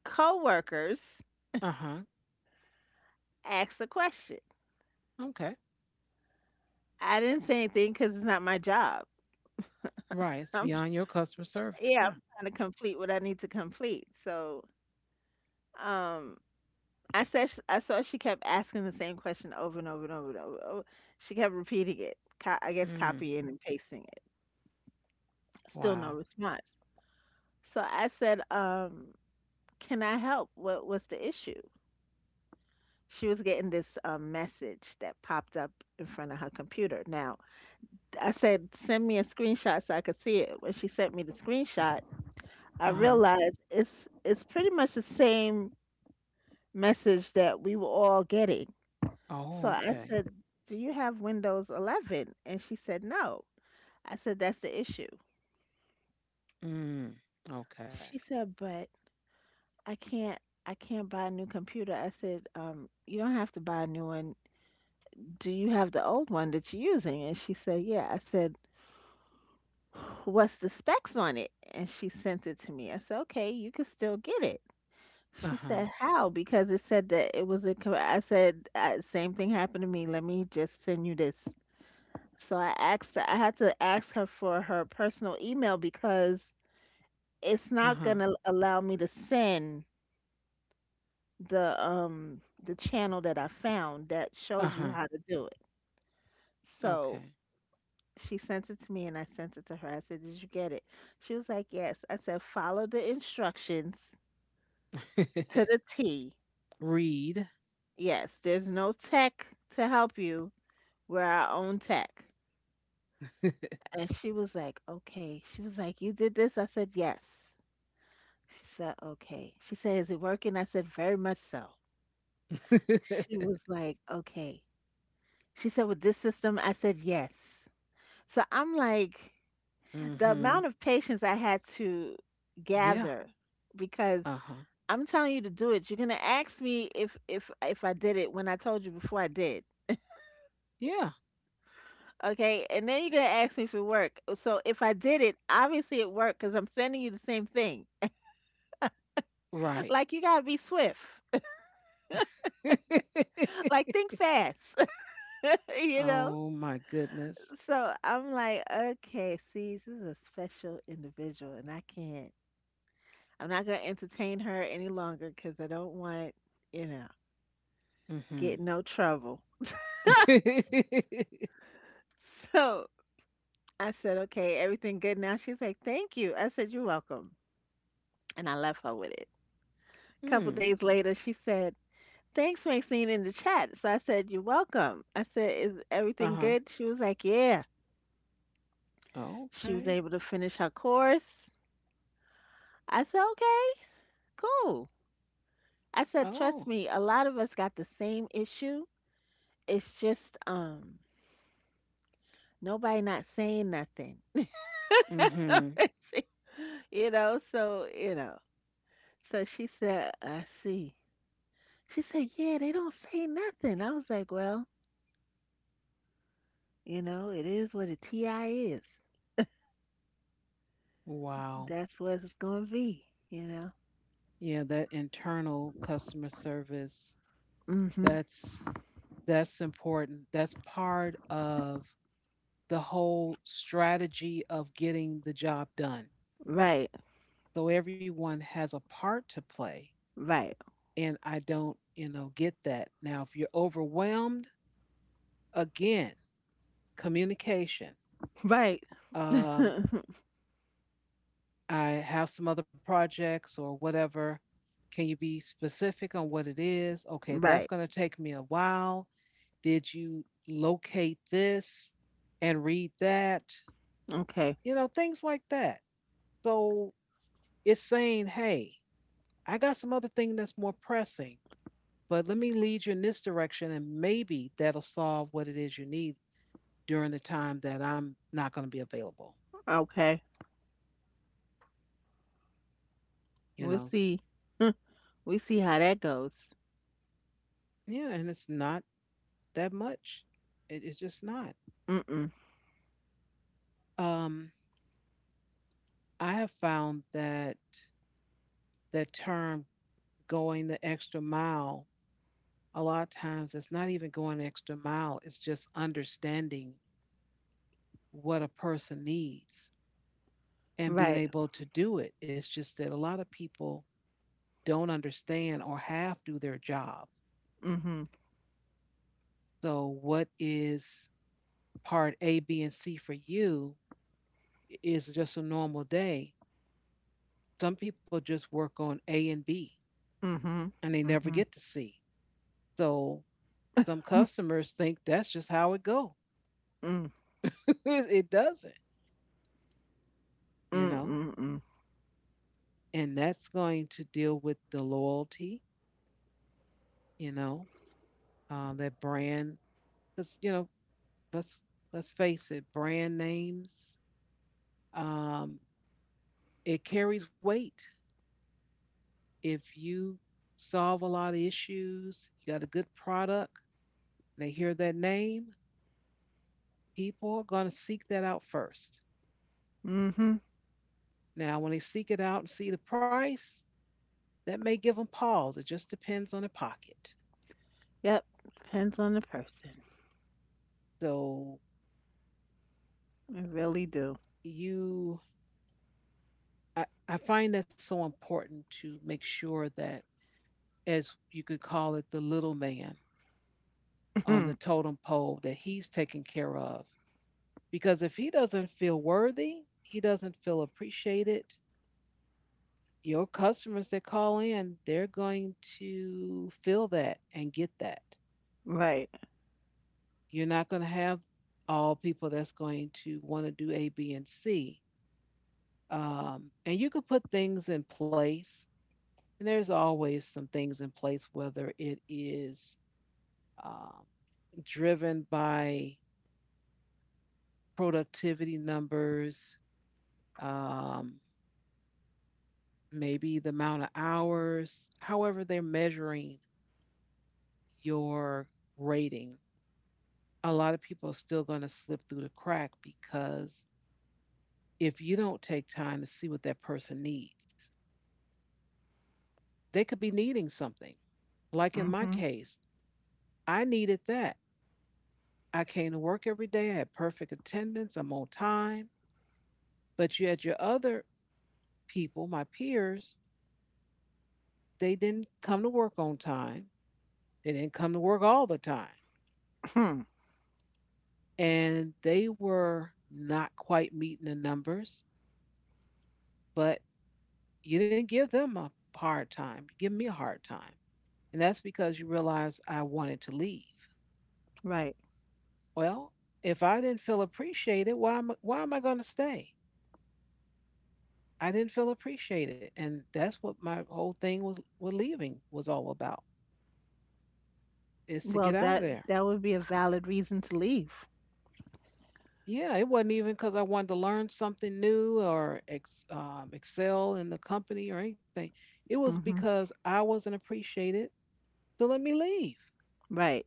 Speaker 2: coworkers
Speaker 1: Uh huh.
Speaker 2: asks a question.
Speaker 1: Okay.
Speaker 2: I didn't say anything because it's not my job.
Speaker 1: Right. It's beyond your customer service.
Speaker 2: Yeah,
Speaker 1: Yeah.
Speaker 2: I'm trying to complete what I need to complete. So, um, I said I saw she kept asking the same question over and over and over and over. She kept repeating it. I guess
Speaker 1: Mm.
Speaker 2: copying and pasting it. Still no
Speaker 1: Wow.
Speaker 2: response. So I said, "Can I help? What was the issue?" She was getting this message that popped up in front of her computer. Now I said, "Send me a screenshot so I could see it." When she sent me the screenshot, I
Speaker 1: Uh.
Speaker 2: realized it's pretty much the same message that we were all getting.
Speaker 1: Oh,
Speaker 2: So I
Speaker 1: okay.
Speaker 2: said, "Do you have Windows 11?" And she said, "No." I said, "That's the issue."
Speaker 1: Mm, okay.
Speaker 2: She said, "But I can't. I can't buy a new computer." I said, "You don't have to buy a new one. Do you have the old one that you're using?" And she said, "Yeah." I said, "What's the specs on it?" And she sent it to me. I said, "Okay, you can still get it." She
Speaker 1: Uh-huh.
Speaker 2: said, "How? Because it said that it was a. I said, same thing happened to me. Let me just send you this." So I had to ask her for her personal email because it's
Speaker 1: Uh-huh.
Speaker 2: not gonna allow me to send the channel that I found that shows
Speaker 1: Uh-huh.
Speaker 2: you how to do it. So
Speaker 1: Okay.
Speaker 2: she sent it to me and I sent it to her. I said, "Did you get it?" She was like, "Yes." I said, "Follow the instructions to the T.
Speaker 1: Read.
Speaker 2: Yes, there's no tech to help you. We're our own tech." And she was like, "Okay." She was like, "You did this?" I said, "Yes." She said, "Okay." She said, "Is it working?" I said, "Very much so." She was like, "Okay." She said, "With this system?" I said, "Yes." So I'm like, the
Speaker 1: Mm-hmm.
Speaker 2: amount of patience I had to
Speaker 1: Yeah.
Speaker 2: gather because
Speaker 1: Uh-huh.
Speaker 2: I'm telling you to do it. You're gonna ask me if I did it when I told you before I did.
Speaker 1: Yeah.
Speaker 2: Okay, and then you're gonna ask me if it worked. So if I did it, obviously it worked because I'm sending you the same thing.
Speaker 1: Right.
Speaker 2: Like you gotta be swift. Like think fast, you know?
Speaker 1: Oh my goodness.
Speaker 2: So I'm like, okay, see, this is a special individual, and I can't. I'm not gonna entertain her any longer because I don't want, you know,
Speaker 1: Mm-hmm.
Speaker 2: get in no trouble. So I said, "Okay, everything good now?" She's like, "Thank you." I said, "You're welcome," and I left her with it. A couple
Speaker 1: Mm,
Speaker 2: days
Speaker 1: okay.
Speaker 2: later, she said, "Thanks, Maxine," in the chat. So I said, "You're welcome." I said, "Is everything
Speaker 1: Uh-huh.
Speaker 2: good?" She was like, "Yeah." She was
Speaker 1: Okay.
Speaker 2: able to finish her course. I said, "Okay, cool." I said,
Speaker 1: Oh.
Speaker 2: "Trust me, a lot of us got the same issue. It's just nobody not saying nothing."
Speaker 1: Mm-hmm.
Speaker 2: You know, so you know. So she said, "I see." She said, "Yeah, they don't say nothing." I was like, "Well, you know, it is what a TI is.
Speaker 1: Wow.
Speaker 2: That's what it's gonna be, you know."
Speaker 1: Yeah, that internal customer service,
Speaker 2: Mm-hmm.
Speaker 1: that's That's important. That's part of the whole strategy of getting the job done.
Speaker 2: Right,
Speaker 1: So everyone has a part to play.
Speaker 2: right,
Speaker 1: And I don't, you know, get that. Now, if you're overwhelmed, again, communication.
Speaker 2: right,
Speaker 1: Um, I have some other projects or whatever. Can you be specific on what it is? Okay, that's
Speaker 2: right.
Speaker 1: going to take me a while. Did you locate this and read that?
Speaker 2: Okay,
Speaker 1: You know, things like that. So it's saying, hey, I got some other thing that's more pressing, but let me lead you in this direction and maybe that'll solve what it is you need during the time that I'm not going to be available.
Speaker 2: okay.
Speaker 1: You
Speaker 2: We'll
Speaker 1: know,
Speaker 2: see. We see how that goes.
Speaker 1: yeah, and it's not that much. It's just not.
Speaker 2: Mm-mm.
Speaker 1: Um, I have found that that term going the extra mile, a lot of times it's not even going the extra mile, it's just understanding what a person needs and being
Speaker 2: Right.
Speaker 1: able to do it. It's just that a lot of people don't understand or half do their job.
Speaker 2: Mhm,
Speaker 1: So, what is part A, B, and C for you is just a normal day. Some people just work on A and B
Speaker 2: mhm,
Speaker 1: and they never
Speaker 2: mhm,
Speaker 1: get to C. So, some customers think that's just how it goes.
Speaker 2: mm,
Speaker 1: It doesn't, you
Speaker 2: mm,
Speaker 1: know,
Speaker 2: mm, mm,
Speaker 1: and that's going to deal with the loyalty, you know, that brand because you know let's let's face it, brand names, um, it carries weight. If you solve a lot of issues, you got a good product, they hear that name, people are going to seek that out first.
Speaker 2: mhm.
Speaker 1: Now, when they seek it out and see the price, that may give them pause. It just depends on the pocket.
Speaker 2: Yep, depends on the person.
Speaker 1: So
Speaker 2: I really do.
Speaker 1: you, I find that so important to make sure that, as you could call it, the little man on the totem pole, that he's taken care of. Because if he doesn't feel worthy, he doesn't feel appreciated, your customers that call in, they're going to feel that and get that.
Speaker 2: Right.
Speaker 1: You're not going to have all people that's going to want to do A, B, and C. And you could put things in place, and there's always some things in place, whether it is um, driven by productivity numbers, um, maybe the amount of hours, however they're measuring your rating, a lot of people are still going to slip through the crack because if you don't take time to see what that person needs, they could be needing something. Like in my
Speaker 2: Mhm.
Speaker 1: case, I needed that. I came to work every day, I had perfect attendance, I'm on time. But you had your other people, my peers, they didn't come to work on time. They didn't come to work all the time. And they were not quite meeting the numbers, but you didn't give them a hard time. You give me a hard time. And that's because you realize I wanted to leave.
Speaker 2: Right.
Speaker 1: Well, if I didn't feel appreciated, why am I going to stay? I didn't feel appreciated. And that's what my whole thing was with leaving was all about is to
Speaker 2: Well,
Speaker 1: get out of
Speaker 2: that
Speaker 1: there.
Speaker 2: that would be a valid reason to leave.
Speaker 1: Yeah, it wasn't even because I wanted to learn something new or excel in the company or anything. It was
Speaker 2: Mhm.
Speaker 1: because I wasn't appreciated. So let me leave.
Speaker 2: Right.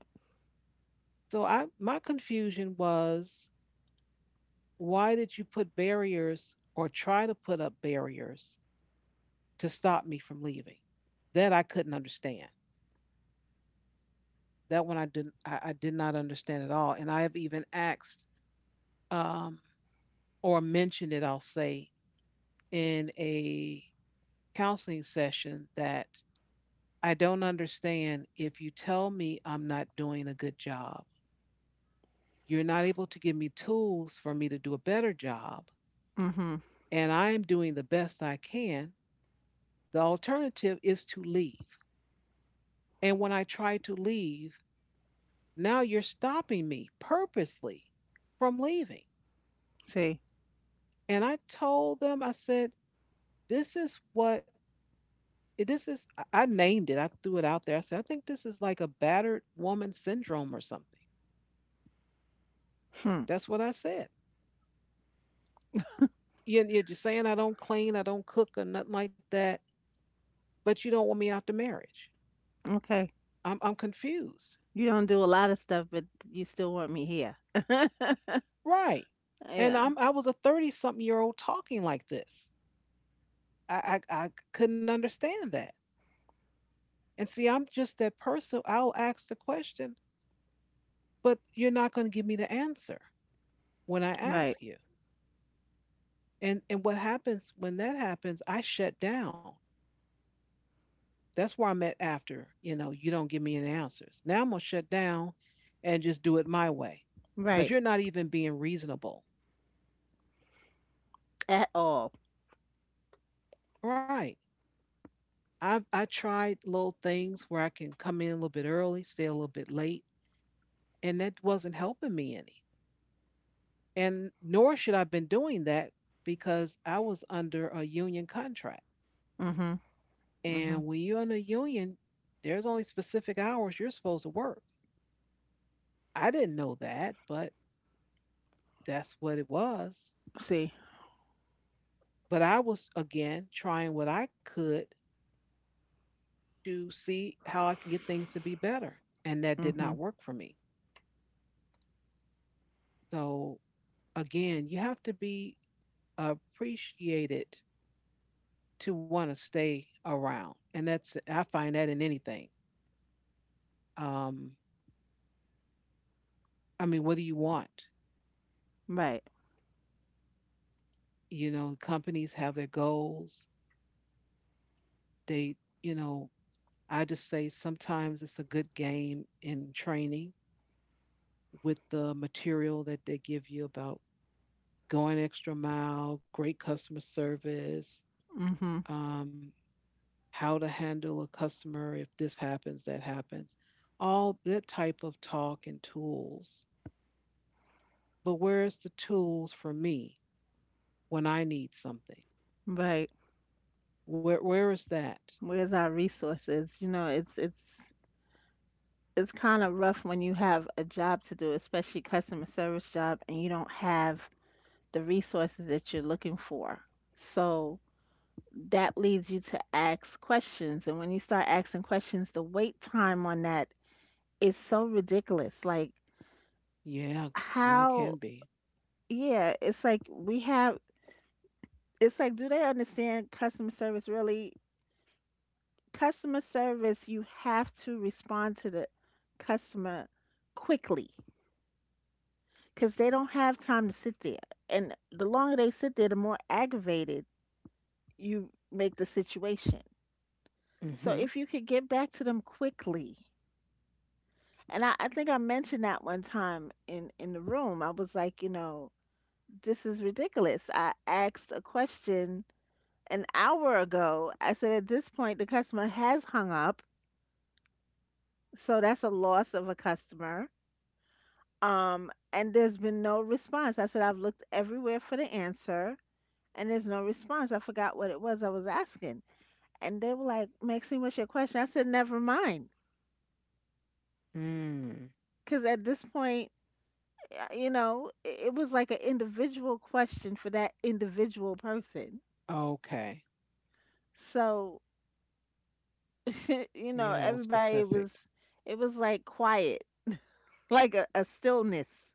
Speaker 1: So I my confusion was why did you put barriers or try to put up barriers to stop me from leaving? That I couldn't understand. That one I didn't I did not understand at all. And I have even asked um, or mentioned it, I'll say, in a counseling session that I don't understand if you tell me I'm not doing a good job. You're not able to give me tools for me to do a better job
Speaker 2: Mhm.
Speaker 1: and I am doing the best I can. The alternative is to leave. And when I try to leave, now you're stopping me purposely from leaving.
Speaker 2: See.
Speaker 1: And I told them, I said, this is what, this is, I named it, I threw it out there. I said, I think this is like a battered woman syndrome or something.
Speaker 2: Hmm.
Speaker 1: That's what I said. You- You're just saying I don't clean, I don't cook, or nothing like that, but you don't want me out the marriage.
Speaker 2: Okay.
Speaker 1: I'm confused.
Speaker 2: You don't do a lot of stuff, but you still want me here.
Speaker 1: Right. And
Speaker 2: Yeah.
Speaker 1: I was a 30 something year old talking like this. I couldn't understand that. And see, I'm just that person. I'll ask the question, but you're not going to give me the answer when I
Speaker 2: Right.
Speaker 1: ask you. And what happens when that happens, I shut down. That's where I'm at after you don't give me any answers. Now I'm going to shut down and just do it my way because
Speaker 2: Right.
Speaker 1: you're not even being reasonable.
Speaker 2: At all.
Speaker 1: Right. I tried little things where I can come in a little bit early, stay a little bit late, and that wasn't helping me any. And nor should I have been doing that because I was under a union contract.
Speaker 2: Mhm.
Speaker 1: And
Speaker 2: Mhm.
Speaker 1: when you're in a union, there's only specific hours you're supposed to work. I didn't know that, but that's what it was.
Speaker 2: See.
Speaker 1: But I was, again, trying what I could to see how I can get things to be better. And that did not
Speaker 2: Mhm.
Speaker 1: work for me. So, again, you have to be appreciated to want to stay around. And that's I find that in anything. Um, I mean, what do you want?
Speaker 2: Right.
Speaker 1: Companies have their goals. They, you know, I just say sometimes it's a good game in training with the material that they give you about going extra mile, great customer service,
Speaker 2: Mhm.
Speaker 1: um, how to handle a customer if this happens, that happens, all that type of talk and tools. But where's the tools for me when I need something?
Speaker 2: Right.
Speaker 1: Where is that?
Speaker 2: Where's our resources? You know, it's kind of rough when you have a job to do, especially customer service job, and you don't have the resources that you're looking for. So that leads you to ask questions, and when you start asking questions, the wait time on that is so ridiculous. Like
Speaker 1: Yeah, really
Speaker 2: how,
Speaker 1: can be.
Speaker 2: yeah, it's like, do they understand customer service really? Customer service, you have to respond to the customer quickly because they don't have time to sit there. And the longer they sit there, the more aggravated you make the situation. So
Speaker 1: Mm-hmm.
Speaker 2: if you could get back to them quickly, and I think I mentioned that one time in the room, I was like, you know, this is ridiculous. I asked a question an hour ago. I said, at this point, the customer has hung up. So that's a loss of a customer. And there's been no response. I said, "I've looked everywhere for the answer and there's no response. I forgot what it was I was asking." And they were like, "Maxine, what's your question?" I said, "Never mind."
Speaker 1: Mm.
Speaker 2: Because at this point, you know, it was like an individual question for that individual person.
Speaker 1: Okay.
Speaker 2: So, you
Speaker 1: Yeah,
Speaker 2: know,
Speaker 1: that was
Speaker 2: everybody
Speaker 1: specific.
Speaker 2: was, it was like quiet, like a stillness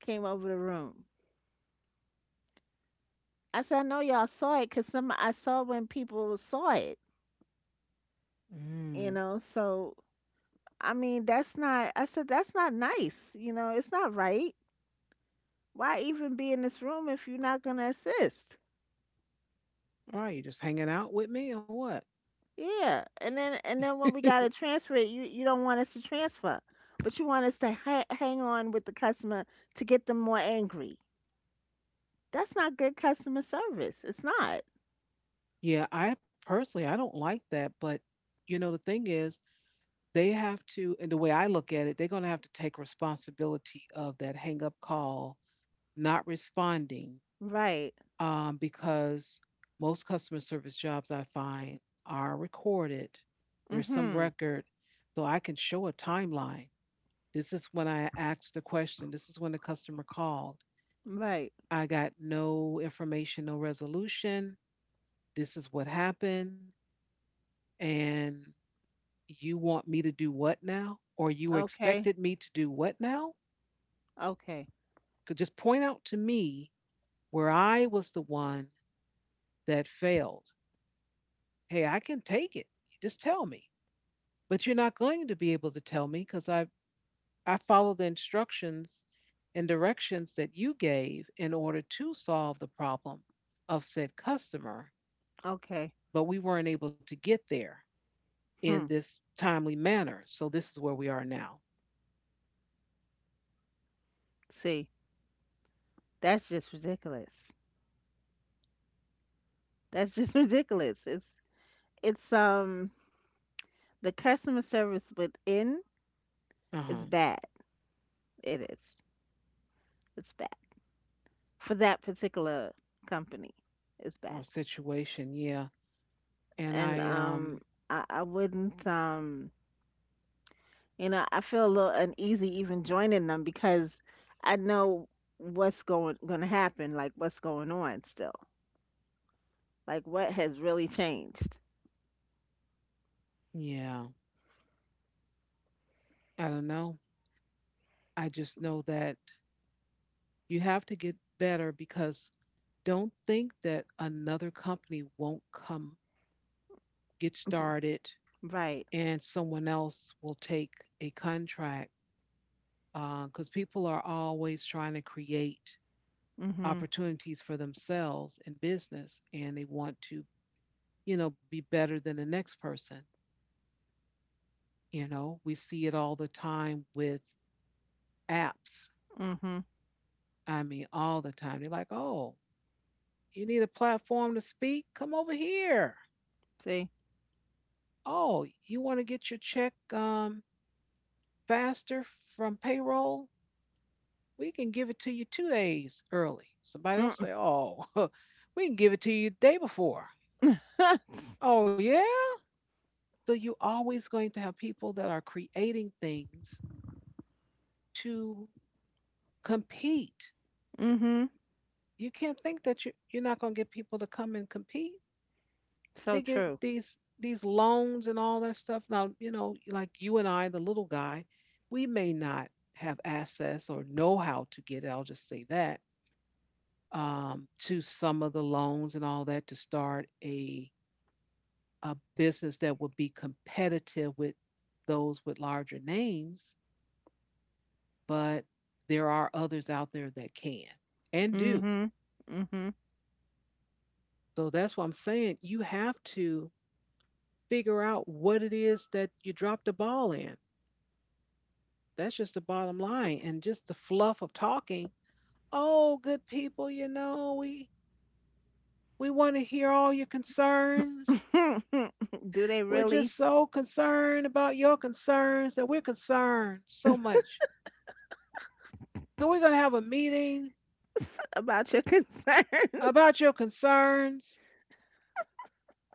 Speaker 2: came over the room. I said, "I know y'all saw it because some, I saw when people saw it,
Speaker 1: Mm.
Speaker 2: you know, so." I mean, that's not, I said, that's not nice. You know, it's not right. Why even be in this room if you're not gonna assist?
Speaker 1: All right, you just hanging out with me or what?
Speaker 2: Yeah, and then when we gotta transfer it, you don't want us to transfer, but you want us to hang on with the customer to get them more angry. That's not good customer service. It's not.
Speaker 1: Yeah, I personally, I don't like that. But the thing is, they have to. And the way I look at it, they're going to have to take responsibility of that hang up call, not responding,
Speaker 2: Right.
Speaker 1: because most customer service jobs I find are recorded. There's some
Speaker 2: Mm-hmm.
Speaker 1: record, so I can show a timeline. This is when I asked the question. This is when the customer called.
Speaker 2: Right.
Speaker 1: I got no information, no resolution. This is what happened. And you want me to do what now? Or you
Speaker 2: Okay,
Speaker 1: expected me to do what now?
Speaker 2: okay,
Speaker 1: Could just point out to me where I was the one that failed. Hey, I can take it. Just tell me. But you're not going to be able to tell me because I followed the instructions and directions that you gave in order to solve the problem of said customer,
Speaker 2: okay.
Speaker 1: but we weren't able to get there in
Speaker 2: Hmm.
Speaker 1: this timely manner. So this is where we are now.
Speaker 2: See, that's just ridiculous. That's just ridiculous. It's it's um the customer service within
Speaker 1: Uh-huh.
Speaker 2: is bad. It is. It's bad. For that particular company is bad.
Speaker 1: Or situation, yeah. And I
Speaker 2: And I wouldn't you know, I feel a little uneasy even joining them because I know what's going gonna happen, like what's going on still. Like what has really changed.
Speaker 1: Yeah, I don't know. I just know that you have to get better because don't think that another company won't come get started
Speaker 2: Right.
Speaker 1: and someone else will take a contract because people are always trying to create
Speaker 2: Mhm.
Speaker 1: opportunities for themselves in business, and they want to be better than the next person. We see it all the time with apps.
Speaker 2: Mhm.
Speaker 1: I mean, all the time they're like, oh, you need a platform to speak, come over here.
Speaker 2: See?
Speaker 1: Oh, you want to get your check, faster, from payroll? We can give it to you 2 days early. Somebody else
Speaker 2: Mm.
Speaker 1: say, oh, we can give it to you the day before. Oh, yeah? So you're always going to have people that are creating things to compete.
Speaker 2: Mhm.
Speaker 1: You can't think that you're not going to get people to come and compete.
Speaker 2: So
Speaker 1: They get
Speaker 2: true.
Speaker 1: these loans and all that stuff. Now, like you and I, the little guy, we may not have access or know how to get it. I'll just say that, to some of the loans and all that to start a business that would be competitive with those with larger names, but there are others out there that can and do.
Speaker 2: Mhm. Mhm.
Speaker 1: So that's what I'm saying. You have to figure out what it is that you dropped the ball in. That's just the bottom line. And just the fluff of talking: oh, good people, we want to hear all your concerns.
Speaker 2: Do they
Speaker 1: We're just
Speaker 2: really
Speaker 1: so concerned about your concerns that we're concerned so much. So we're going to have a meeting
Speaker 2: about your concerns?
Speaker 1: about your concerns,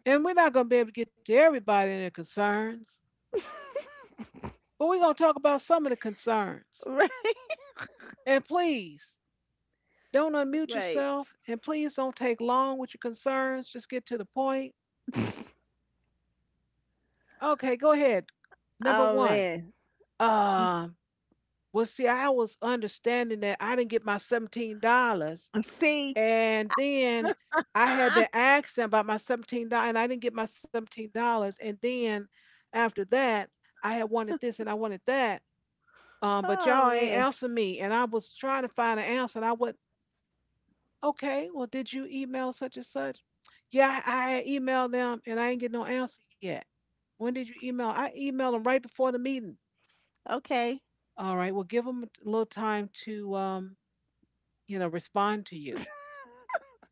Speaker 1: and we're not going to be able to get to everybody and their concerns, but we're going to talk about some of the concerns.
Speaker 2: Right.
Speaker 1: And please don't unmute
Speaker 2: Right.
Speaker 1: yourself, and please don't take long with your concerns. Just get to the point. Okay, go ahead. Number
Speaker 2: Oh
Speaker 1: one.
Speaker 2: man.
Speaker 1: Um, uh, well, see, I was understanding that I didn't get my $17.
Speaker 2: See?
Speaker 1: And then I had
Speaker 2: Ah,
Speaker 1: been asking about my $17, and I didn't get my $17. And then after that, I had wanted this and I wanted that. But
Speaker 2: oh
Speaker 1: y'all ain't
Speaker 2: man.
Speaker 1: answer me. And I was trying to find an answer. And I went, okay, well, did you email such and such? Yeah, I had emailed them and I ain't get no answer yet. When did you email? I emailed them right before the meeting.
Speaker 2: Okay.
Speaker 1: All right, well, give them a little time to respond to you.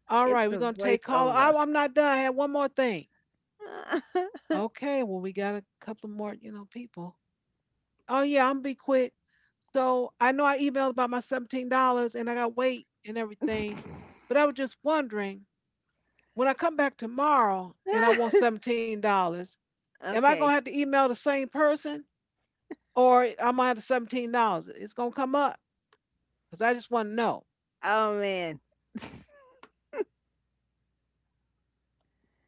Speaker 1: All
Speaker 2: It's
Speaker 1: right, we're
Speaker 2: the
Speaker 1: going to take call. I,
Speaker 2: voiceover.
Speaker 1: I'm not done. I had one more thing. Okay, well, we got a couple more people. Oh yeah, I'm be quick. So I know I emailed about my $17 and I got weight and everything, but I was just wondering, when I come back tomorrow and I want $17, am I gonna have
Speaker 2: Okay.
Speaker 1: to email the same person, or I'm gonna have the $17? It's gonna come up because I just want to know.
Speaker 2: Oh man.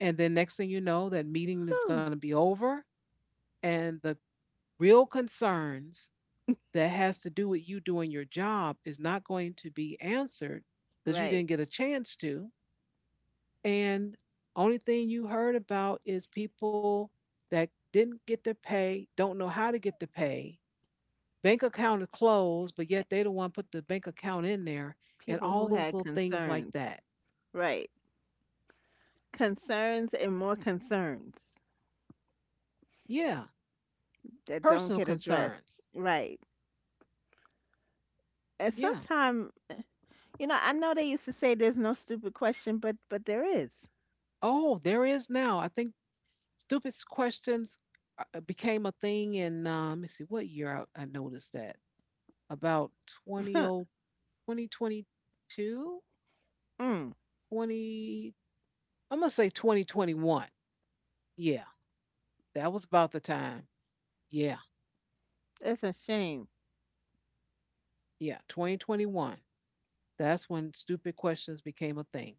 Speaker 1: And then next thing you know, that meeting is gonna
Speaker 2: Whew.
Speaker 1: be over and the real concerns that has to do with you doing your job is not going to be answered because you
Speaker 2: Right.
Speaker 1: didn't get a chance to. And only thing you heard about is people that didn't get their pay, don't know how to get the pay. Bank account is closed, but yet they don't want to put the bank account in there, and
Speaker 2: People who
Speaker 1: all
Speaker 2: had
Speaker 1: those little things like
Speaker 2: concerns.
Speaker 1: that.
Speaker 2: Right. Concerns and more concerns
Speaker 1: Yeah.
Speaker 2: that don't
Speaker 1: Personal
Speaker 2: get addressed.
Speaker 1: concerns.
Speaker 2: Right. And
Speaker 1: Yeah.
Speaker 2: sometimes, you know, I know they used to say there's no stupid question, but there is.
Speaker 1: Oh, there is now. I think stupid questions, became a thing let me see, what year I noticed that? About 20 oh twenty, 20 two,
Speaker 2: Mm,
Speaker 1: 20, I'm going to say 2021. Yeah, that was about the time. Yeah,
Speaker 2: that's a shame.
Speaker 1: yeah, 2021. That's when stupid questions became a thing.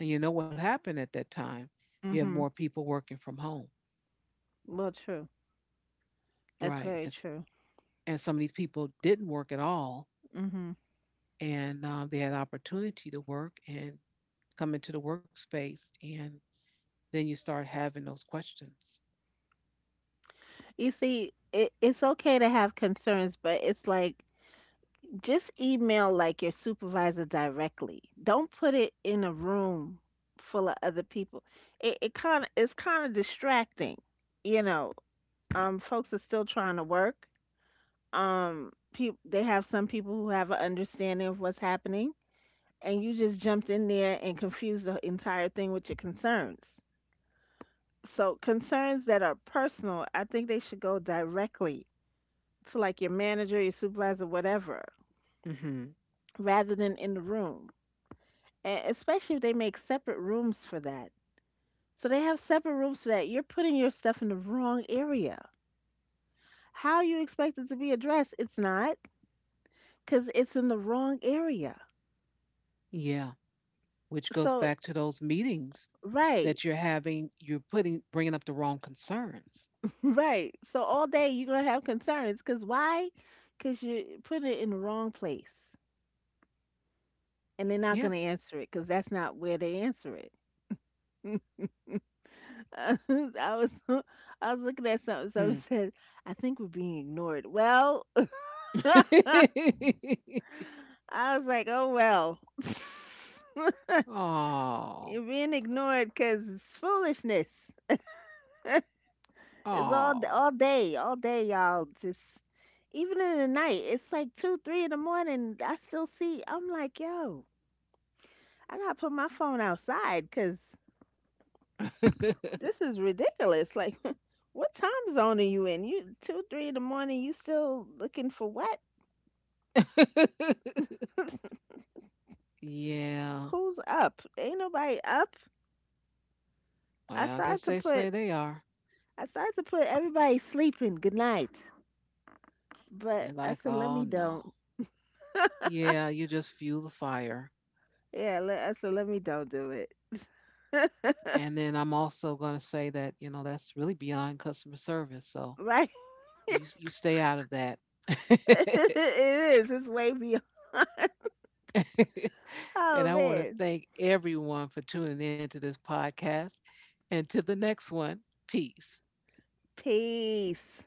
Speaker 1: And you know what happened at that time? You had more
Speaker 2: Mhm.
Speaker 1: people working from home,
Speaker 2: Well, true. That's
Speaker 1: right? And,
Speaker 2: very
Speaker 1: s-
Speaker 2: true.
Speaker 1: and some of these people didn't work at all,
Speaker 2: Hmm.
Speaker 1: and they had opportunity to work and come into the workspace. And then you start having those questions.
Speaker 2: You see, it, it's okay to have concerns, but it's like just email like your supervisor directly. Don't put it in a room full of other people. It it's kind of distracting, you know. Folks are still trying to work. People they have some people who have an understanding of what's happening, and you just jumped in there and confused the entire thing with your concerns. So concerns that are personal, I think they should go directly to like your manager, your supervisor, whatever,
Speaker 1: Hmm.
Speaker 2: rather than in the room. And especially if they make separate rooms for that. So they have separate rooms for that. You're putting your stuff in the wrong area. How you expect it to be addressed? It's not, because it's in the wrong area.
Speaker 1: Yeah. Which goes
Speaker 2: So
Speaker 1: back to those meetings that
Speaker 2: right,
Speaker 1: you're having. You're putting bringing up the wrong concerns.
Speaker 2: right. So all day you're gonna have concerns, because why? Because you put it in the wrong place, and they're not
Speaker 1: Yeah.
Speaker 2: gonna answer it, because that's not where they answer it. I was I was looking at something. Someone
Speaker 1: Hmm.
Speaker 2: said, "I think we're being ignored." Well, I was like, "Oh well,
Speaker 1: Oh.
Speaker 2: you're being ignored because it's foolishness. It's
Speaker 1: Oh.
Speaker 2: all day, y'all. Just even in the night, it's like two, three in the morning. I still see. I'm like, yo, I gotta put my phone outside because this is ridiculous. Like, what time zone are you in? You two, three in the morning. You still looking for what?"
Speaker 1: Yeah.
Speaker 2: Who's up? Ain't nobody up.
Speaker 1: Well,
Speaker 2: I
Speaker 1: I guess
Speaker 2: started
Speaker 1: they
Speaker 2: to
Speaker 1: say
Speaker 2: put
Speaker 1: they are.
Speaker 2: I started to put everybody sleeping good night,
Speaker 1: They're
Speaker 2: but I
Speaker 1: like,
Speaker 2: said let
Speaker 1: oh
Speaker 2: me
Speaker 1: no.
Speaker 2: don't.
Speaker 1: Yeah, you just fuel the fire.
Speaker 2: Yeah, I said let me don't do it.
Speaker 1: And then I'm also going to say that, that's really beyond customer service. So
Speaker 2: Right?
Speaker 1: you stay out of that.
Speaker 2: It is. It's way beyond.
Speaker 1: And
Speaker 2: Oh
Speaker 1: I want to
Speaker 2: man.
Speaker 1: thank everyone for tuning in to this podcast. And to the next one, peace.
Speaker 2: Peace.